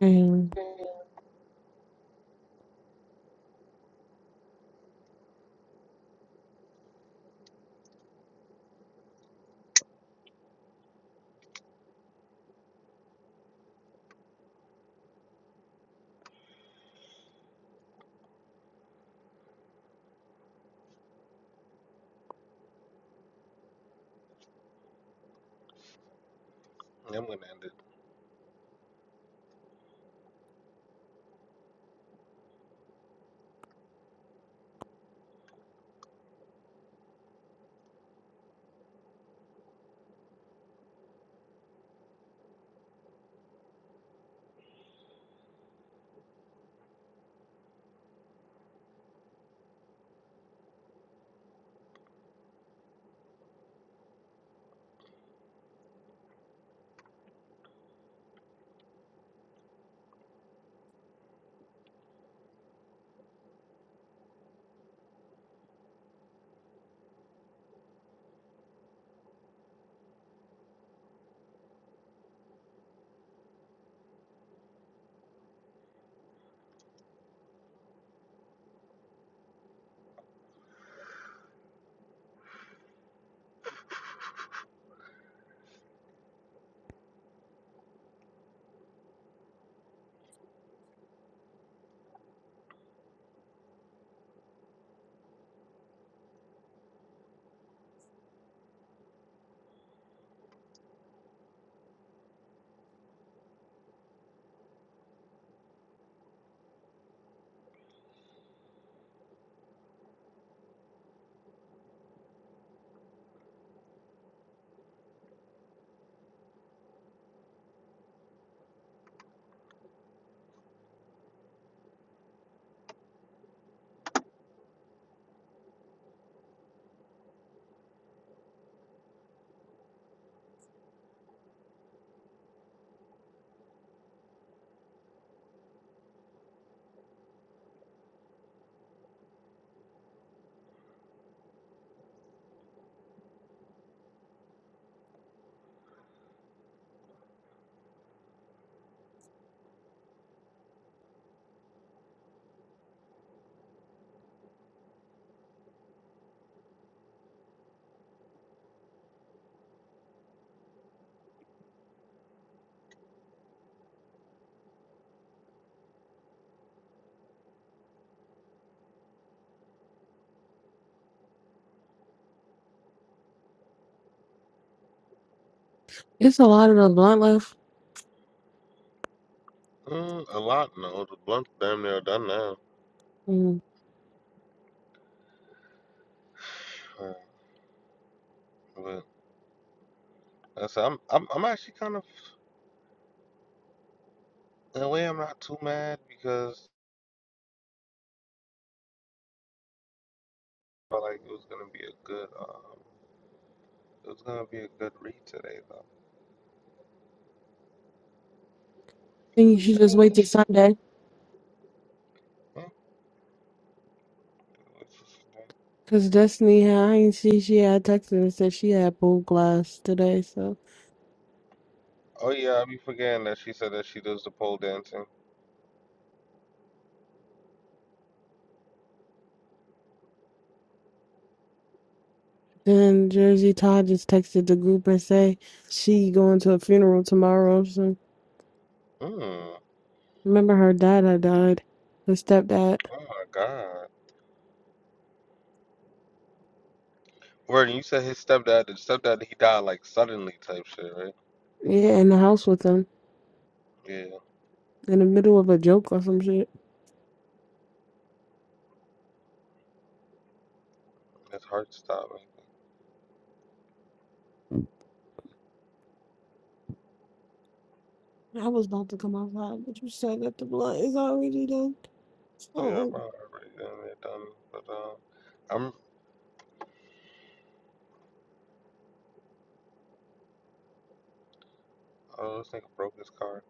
S3: And
S1: Yeah, I'm gonna end it.
S3: [LAUGHS] it's a lot of the blunt left.
S1: Mm, a lot, no. The blunt's damn near done now.
S3: Mm. I
S1: Uh, But I said, I'm, I'm, I'm actually kind of, in a way, I'm not too mad because I felt like it was gonna be a good. um, It was gonna be a good read today, though.
S3: think you
S1: Lily
S3: should
S1: Jack.
S3: just wait till Sunday.
S1: Hmm? What's this today?
S3: Cause Destiny had, I ain't see she had texted and said she had bold glass today. So
S1: Oh yeah, I be forgetting that she said that she does the pole dancing.
S3: then Jersey Todd just texted the group and say she going to a funeral tomorrow. So
S1: Mm. Oh
S3: remember her dad had died, her stepdad.
S1: my God. Word, you said his stepdad, the stepdad, he died like suddenly type shit, right?
S3: Yeah, in the house with them
S1: Yeah,
S3: in the middle of a joke or some shit.
S1: his heart stopping.
S3: I was about to come outside, but you said that the blood is already done.
S1: Yeah,
S3: Oh.
S1: bro. Right down there, done. But uh, I'm. Oh, this nigga broke his car.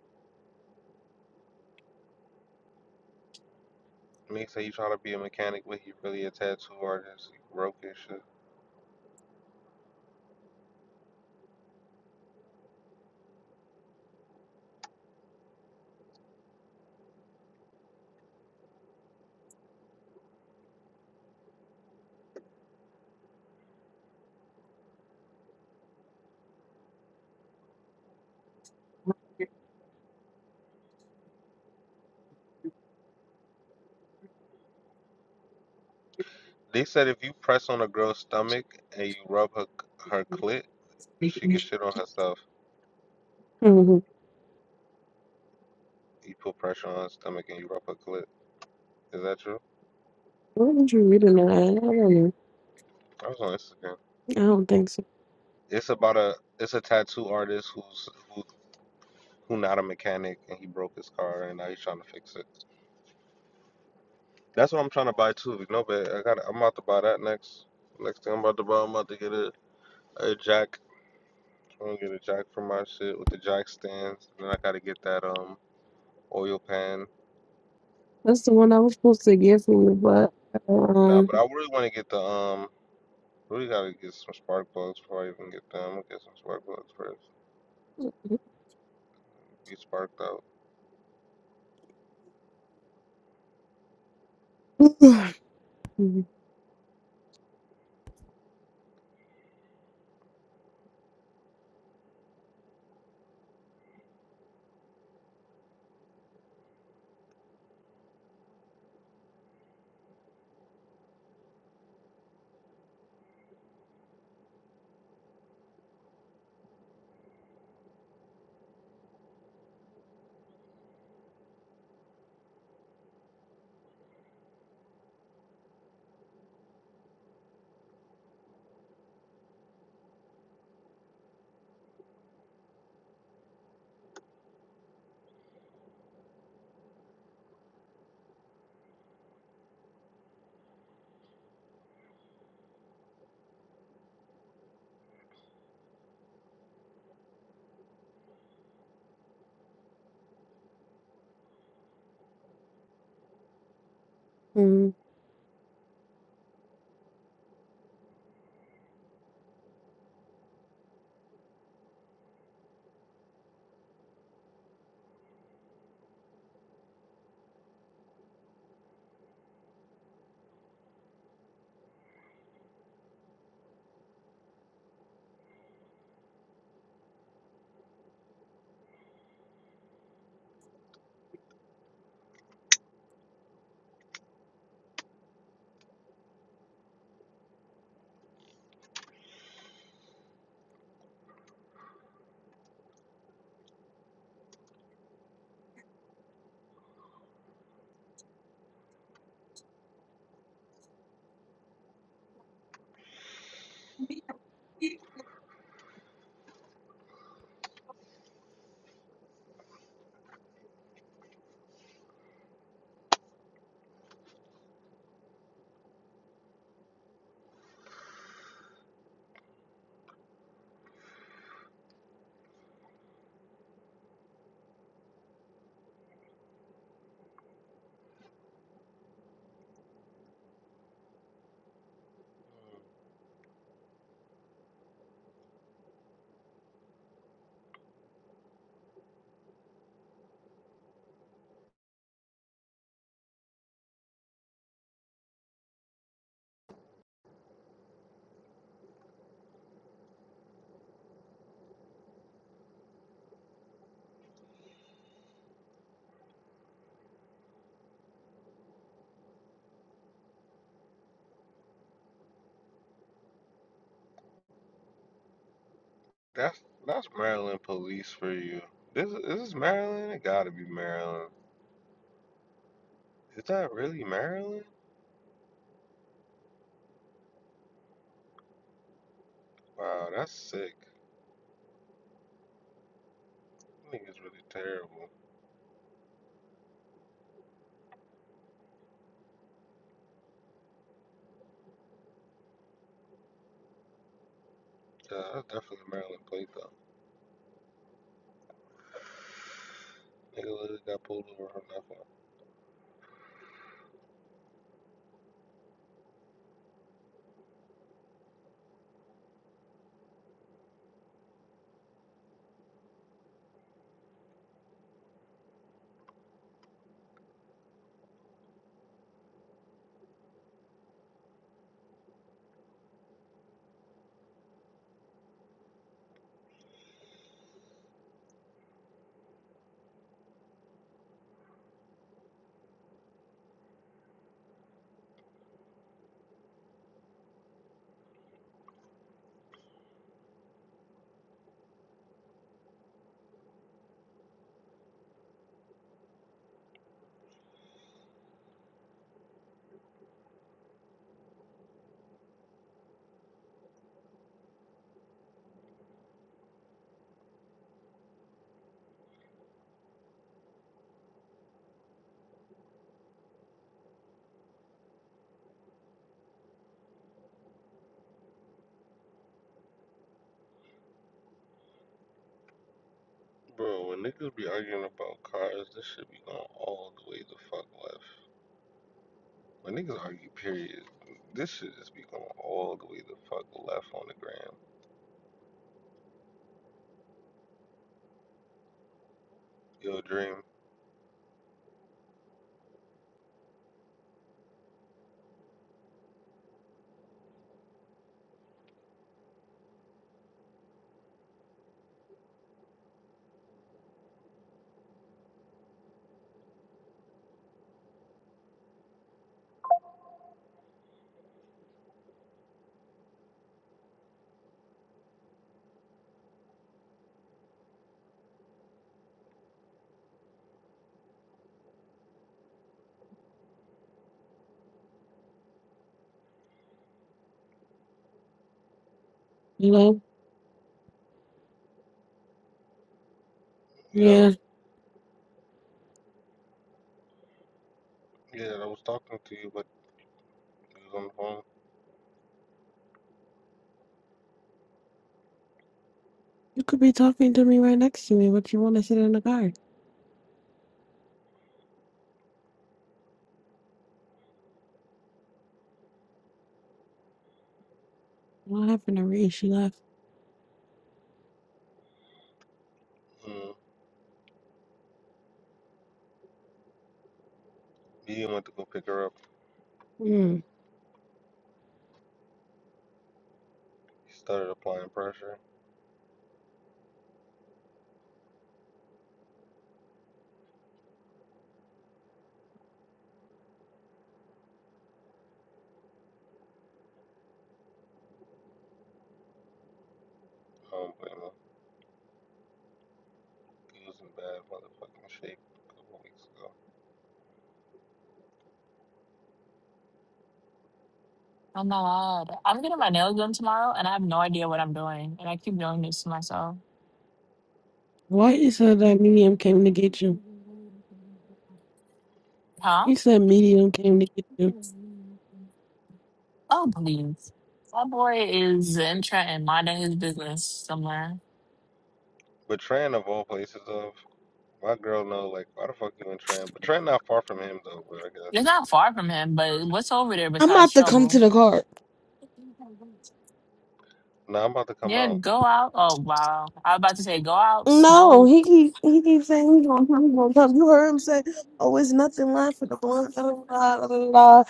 S1: Me say he trying to be a mechanic, but he really a tattoo artist. He broke his shit. They said if you press on a girl's stomach and you rub her her clit, she can
S3: Mm-hmm.
S1: shit on herself. You put pressure on his stomach and you rub a clit. Is that true?
S3: Why did you reading that? I don't know.
S1: I was on Instagram.
S3: I don't think so.
S1: It's about a it's a tattoo artist who's who who not a mechanic and he broke his car and now he's trying to fix it. That's what I'm trying to buy too. You know, but I got I'm about to buy that next. Next thing I'm about to buy, I'm about to get a, a jack. I'm gonna get a jack for my shit with the jack stands. And then I gotta get that um oil pan.
S3: That's the one I was supposed to get for you, but
S1: Nah, but I
S3: um.
S1: really want to get the um. Really gotta get some spark plugs before I even get them. I'm gonna get some spark plugs first. Be sparked out.
S3: Mhm. Mhm.
S1: That's that's Maryland police for you. This is this is Maryland. It gotta be Maryland. Is that really Maryland? Wow, that's sick. I think it's really terrible. Yeah, that's definitely Maryland plate though. Nigga literally got pulled over for nothing. Bro, when niggas be arguing about cars, this shit be going all the way the fuck left. When niggas argue, period, this shit just be going all the way the fuck left on the gram. Yo, Dream.
S3: Hello?
S1: Yo,
S3: Yeah.
S1: yeah, I was talking to you, but you was on the
S3: You could be talking to me right next to me, but you want to sit in the car. What happened to Ree? She left.
S1: phone. Mm. He went to go pick her up.
S3: Mm.
S1: He started applying pressure. Um, but you know, he was in bad motherfucking shape a couple weeks ago.
S2: I'm not. I'm getting my nails done tomorrow, and I have no idea what I'm doing, and I keep doing this to myself.
S3: Why you said that medium came to get you?
S2: Huh?
S3: He said medium came to get you.
S2: Oh, please. That boy is in Trenton, minding his business somewhere.
S1: But Tran, of all places, of my girl, know like why the fuck you in Tran? But Tran not far from him though. But I
S2: It's
S1: guess.
S2: not far from him, but what's over there
S3: I'm
S2: besides
S3: about to come to
S2: trouble?
S3: the car.
S1: Nah, I'm about to come
S2: Yeah,
S1: out.
S2: go out. Oh, wow. I was about to say, go out,
S3: No,
S2: smoke.
S3: he keep he keeps saying he's gonna come, he's gonna come. You heard him say, "Oh, it's nothing left for the blunt." blah, blah, blah, blah, blah."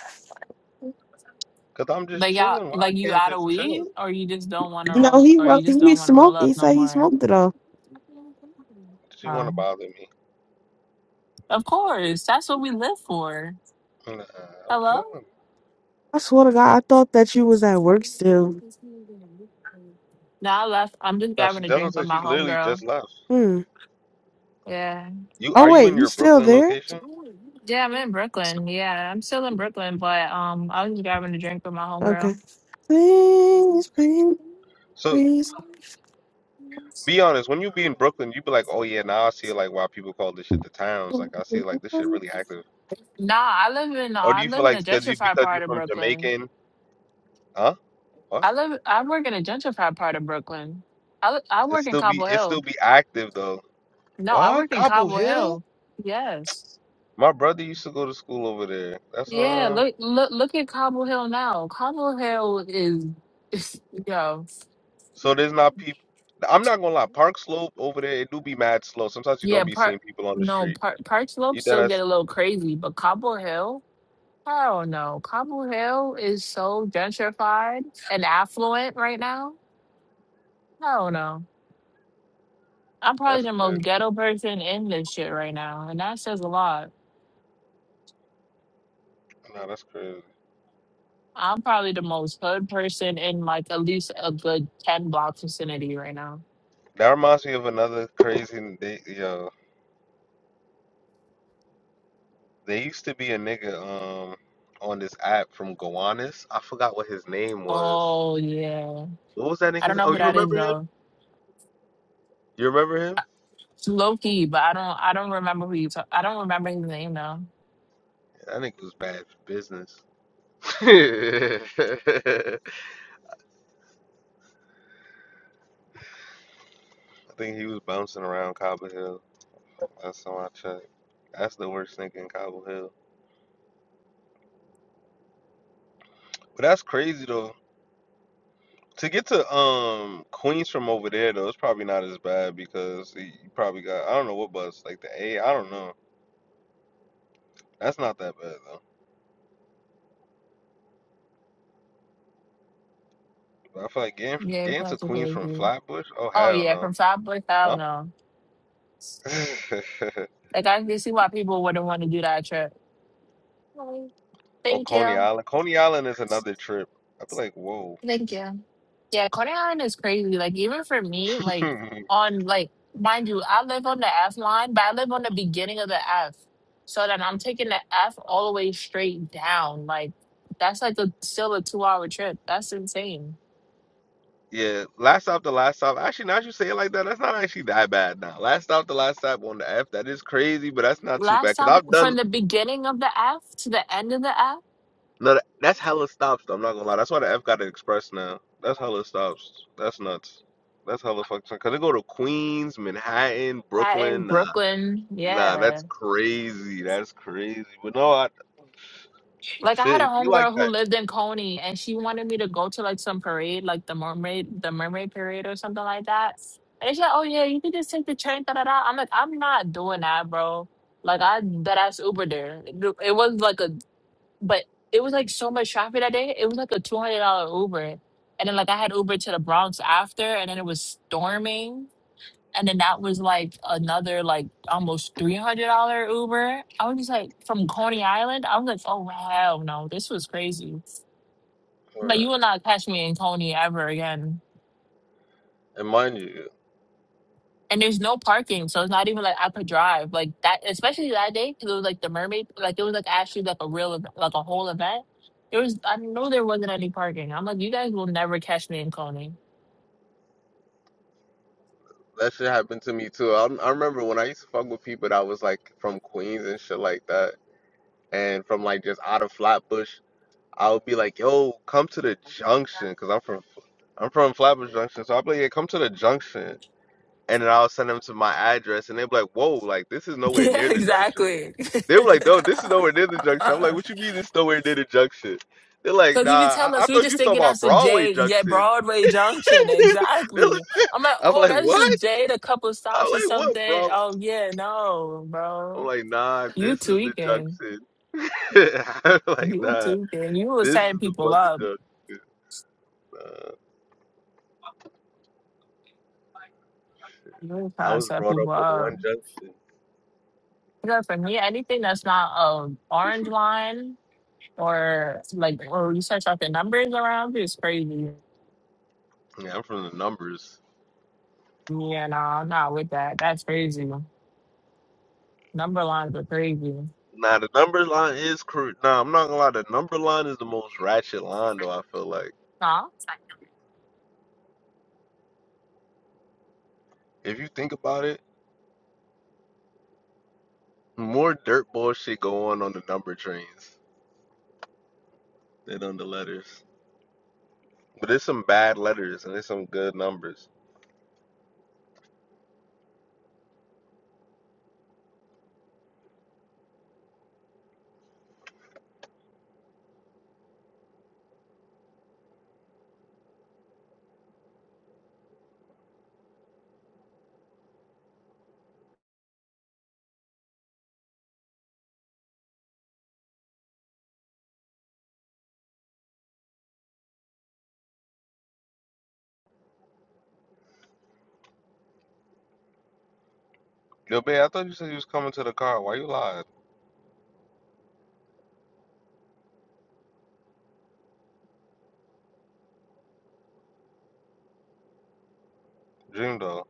S1: Cause I'm just
S2: Like y'all,
S1: chilling. Why
S2: like
S1: I
S2: you
S1: can't
S2: out of
S1: just
S2: weed,
S1: chill?
S2: or you just don't want to
S3: No,
S2: roll,
S3: he
S2: or you
S3: wrote,
S2: just
S3: he
S2: don't want to roll
S3: smoked.
S2: up
S3: He
S2: no
S3: said he
S2: more.
S3: smoked it all.
S1: She wanna
S2: Um,
S1: bother me.
S2: of course, that's what we live for.
S1: Nah, I'm
S2: Hello.
S1: chilling.
S3: I swear to God, I thought that you was at work still.
S2: No, I left. I'm just
S1: Nah, she
S2: grabbing a
S1: that's
S2: drink
S1: what I
S2: with
S1: said.
S2: my
S1: She literally
S2: homegirl.
S1: just left.
S3: Hmm.
S2: Yeah.
S1: You
S3: Oh
S1: are you
S3: wait,
S1: in
S3: you
S1: your
S3: still
S1: Brooklyn
S3: there?
S1: location?
S2: Yeah, I'm in Brooklyn. Yeah, I'm still in Brooklyn, but um, I was just grabbing a drink with my
S3: Okay.
S2: homegirl.
S3: Please, please,
S1: So
S3: please.
S1: be honest, when you be in Brooklyn, you be like, oh yeah, now I see like why people call this shit the towns. Like I see like this shit really
S3: You
S1: active
S2: Nah, I live in
S1: Or do
S2: I
S1: you feel
S2: live in a
S1: like because you
S2: gentrified
S1: because
S2: part
S1: you're
S2: of
S1: from
S2: Brooklyn.
S1: Jamaican, huh? What?
S2: I live I work in a gentrified part of Brooklyn. I li- I
S1: It
S2: work in
S1: still be
S2: Cobble
S1: it still
S2: Hill.
S1: be active though.
S2: No, I
S1: What?
S2: work in
S1: Cobble
S2: Cobble
S1: Hill?
S2: Hill. Yes.
S1: My brother used to go to school over there. That's
S2: Yeah,
S1: um.
S2: look look look at Cobble Hill now. Cobble Hill is, [LAUGHS] yo.
S1: So there's not people. I'm not gonna lie. Park Slope over there, it do be mad slow. Sometimes you
S2: Yeah,
S1: don't be
S2: part
S1: seeing people on the
S2: no
S1: street.
S2: part Park Slope
S1: You that
S2: still get
S1: that's
S2: a little crazy, but Cobble Hill, I don't know. Cobble Hill is so gentrified and affluent right now. I don't know. I'm probably
S1: that's
S2: the
S1: crazy.
S2: most ghetto person in this shit right now, and that says a lot.
S1: No, that's crazy.
S2: I'm probably the most hood person in like at least a good ten block vicinity right now.
S1: That reminds me of another crazy. They yo, they used to be a nigga um on this app from Gowanus. I forgot what his name was.
S2: Oh yeah,
S1: What was that
S2: I don't
S1: nigga's?
S2: know
S1: Oh,
S2: who
S1: you
S2: that is
S1: remember him?
S2: though.
S1: You remember him?
S2: It's Loki, but I don't I don't remember who you. ta- I don't remember his name though.
S1: I think it was bad for business. [LAUGHS] I think he was bouncing around Cobble Hill. Last time I checked. That's the worst thing in Cobble Hill. But that's crazy though. To get to um Queens from over there though, it's probably not as bad because you probably got I don't know what bus like the A. I don't know. That's not that bad though. But I feel like getting
S2: Yeah, it's
S1: getting to
S2: not so
S1: Queens from
S2: crazy.
S1: Flatbush. Oh
S2: Oh
S1: hell
S2: yeah,
S1: no.
S2: from Five Boys. I don't know.
S1: Huh? [LAUGHS]
S2: Like I can see why people wouldn't want to do that trip. Oh,
S1: oh
S2: Thank
S1: Coney
S2: you.
S1: Island. Coney Island is another trip. I'd be like, whoa.
S2: Thank you. Yeah, Coney Island is crazy. Like even for me, like
S1: [LAUGHS]
S2: on like mind you, I live on the F line, but I live on the beginning of the F. So then I'm taking the F all the way straight down. Like that's like a still a two hour trip. That's insane.
S1: Yeah, last stop the last stop. Actually, now that you say it like that, that's not actually that bad now. Last stop the last stop on the F, that is crazy, but that's not too
S2: Last
S1: bad. Cause
S2: stop
S1: I've done
S2: from the beginning of the F to the end of the F,
S1: no, that- that's hella stops. Though, I'm not gonna lie, that's why the F got an express now. That's hella stops. That's nuts. That's hella fucking. Cause they go to Queens, Manhattan,
S2: that in
S1: Brooklyn. Nah,
S2: Brooklyn.
S1: nah,
S2: Yeah.
S1: that's crazy. That's crazy. But no, I,
S2: Like I had
S1: shit,
S2: a
S1: it be
S2: homegirl
S1: like
S2: who
S1: that.
S2: lived in Coney and she wanted me to go to like some parade, like the mermaid the mermaid parade or something like that. And she's like, Oh yeah, you can just take the train, da da da. I'm like, I'm not doing that, bro. Like I that ass Uber there. It it was like a but it was like so much traffic that day. It was like a two hundred dollar Uber. And then like I had Uber to the Bronx after and then it was storming. And then that was like another like almost three hundred dollar Uber. I was just like from Coney Island. I was like, oh hell no, this was crazy. Like you
S1: Word.
S2: will not catch me in Coney ever again.
S1: And mind you,
S2: And there's no parking, so it's not even like I could drive like that. Especially that day because it was like the mermaid, like it was like actually like a real ev- like a whole event. There was I know there wasn't any parking. I'm like, you guys will never catch me in Coney. [LAUGHS]
S1: that shit happened to me too. I, I remember when I used to fuck with people that was like from Queens and shit like that. and from like just out of Flatbush, I would be like, "Yo, come to the junction," because I'm from I'm from Flatbush Junction, so I'd be like, "Yeah, come to the junction," and then I'll send them to my address, and they'd be like, "Whoa, like this is nowhere
S2: Yeah,
S1: near the junction."
S2: exactly.
S1: They were like, "No, this is nowhere near the junction." I'm
S2: [LAUGHS]
S1: like, "What you mean this is nowhere near the junction?" They're like,
S2: Because
S1: "Nah,
S2: if you tell
S1: I, I
S2: us, we
S1: thought you
S2: just
S1: was talking
S2: thinking
S1: about
S2: that's a
S1: Broadway
S2: J, yeah,
S1: Junction."
S2: Broadway
S1: [LAUGHS]
S2: Junction,
S1: They're like-
S2: exactly. I'm like,
S1: I'm
S2: oh,
S1: like,
S2: that's just a
S1: "What?"
S2: J, a couple
S1: I'm
S2: stops or
S1: like, "What,
S2: something.
S1: bro?"
S2: Oh yeah, no, bro,
S1: I'm like, "Nah,
S2: you
S1: this is the
S2: tweaking,
S1: junction." [LAUGHS] I'm like,
S2: you
S1: "Nah,
S2: tweaking, you were
S1: this is
S2: setting
S1: the
S2: people
S1: fucking
S2: up,
S1: junction." Uh,
S2: you were
S1: I
S2: trying to
S1: was
S2: set
S1: brought up
S2: people
S1: on
S2: up.
S1: one junction.
S2: Because for me, anything that's not um orange line or like, or you start talking numbers around you is crazy.
S1: Yeah, I'm from the numbers.
S2: Yeah, no, I'm not with that. That's crazy. Number lines are crazy.
S1: Nah, the numbers line is crude. Nah, I'm not gonna lie. The number line is the most ratchet line, though. I feel like
S2: Huh?
S1: if you think about it, more dirt bullshit go on on the number trains than on the letters. But there's some bad letters and there's some good numbers. Yo, babe, I thought you said you was coming to the car. Why you lied, Dream dog.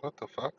S1: What the fuck?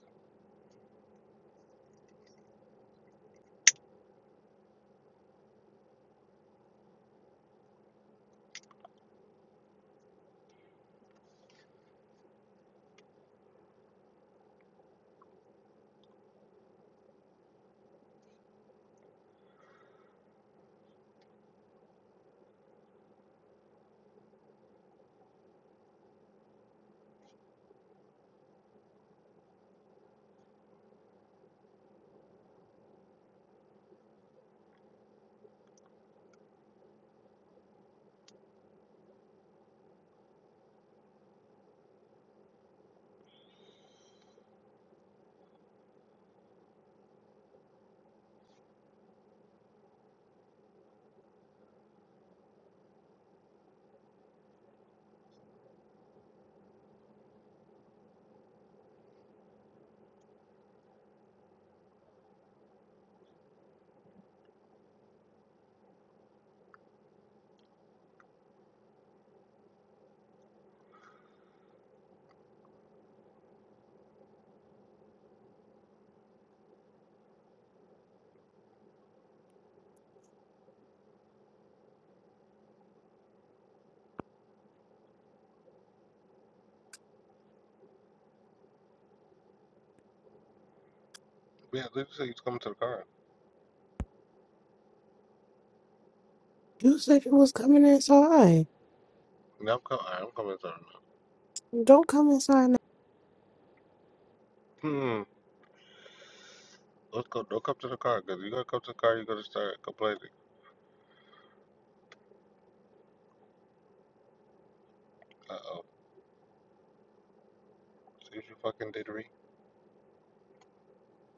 S1: Yeah, I thought you said you was coming to the car.
S3: said you was coming inside.
S1: Yeah, I'm coming. I'm coming to the car.
S3: Don't come inside
S1: Hmm. Let's go. Don't come to the car, cause you gonna come to the car, you're gonna start complaining. Uh oh. See what you fucking did, Ree.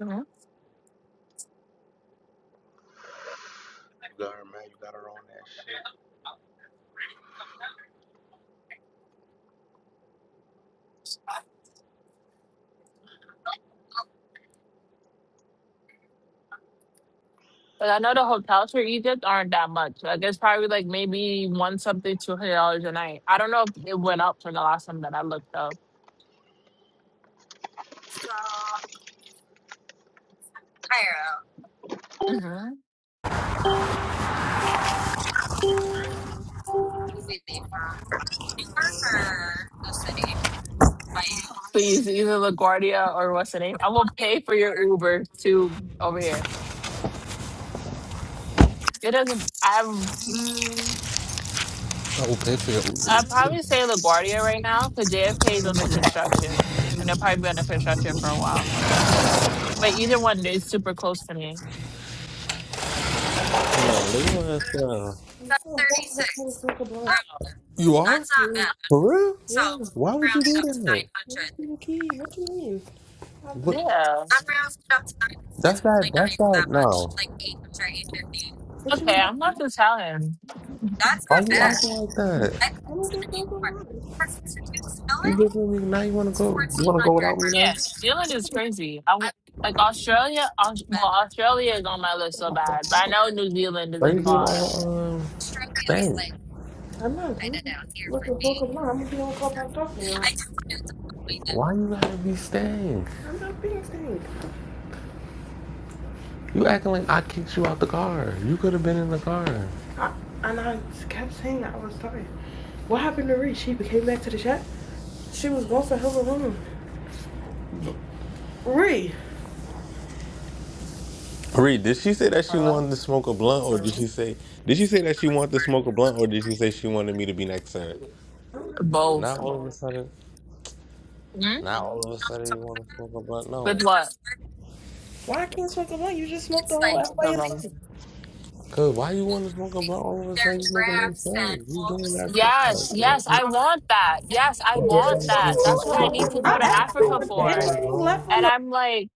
S2: Mm-hmm.
S1: You got her mad. You got her on that shit.
S2: But I know the hotels for Egypt aren't that much. Like it's probably like maybe one something, two hundred dollars a night. I don't know if it went up from the last time that I looked though. hmm Please, either LaGuardia or what's the name? I will pay for your Uber to over here. It doesn't. I'm. Mm,
S1: I will pay for your
S2: I'd
S1: Uber.
S2: probably say LaGuardia right now because JFK is under construction, and they'll probably be under construction for a while. But either one is super close to me.
S1: No, leave my ass down. You are? For real? Why would you do that? What?
S2: Yeah.
S1: That's not. That's not. No. What you
S2: Okay, I'm
S1: want?
S2: not to tell him. New
S1: Why you acting like that? You just with me. Now you wanna go? You wanna go without me now?
S2: Zealand is crazy. I, like Australia. Australia is on my list so bad, but I know New Zealand isn't
S1: Crazy and
S2: far.
S1: all. Um. all Why you gotta be staying? I'm not being stink. You acting like I kicked you out the car. You could have been in the car. I, and I kept saying I was tired. What happened to Ree? She came back to the chat. She was going to her room. Ree. Reed, did she say that she
S2: Hello?
S1: wanted to smoke a blunt, or did she say did she say that she wanted to smoke a blunt, or did she say she wanted me to be next to her? Not
S2: Both.
S1: all of a sudden. Not all of a sudden you want to smoke a blunt.
S2: With
S1: No,
S2: what?
S1: Why I can't smoke a blunt? You just smoked the whole
S2: Both
S1: out by
S2: of
S1: yourself.
S2: 'em.
S1: Cause why you want to smoke a blunt all of a sudden? You smoking like that fun? You doing that for
S2: Yes,
S1: us?
S2: yes,
S1: Let me-
S2: I want that. Yes, I want that. That's what I need to go to Africa for. And I'm like,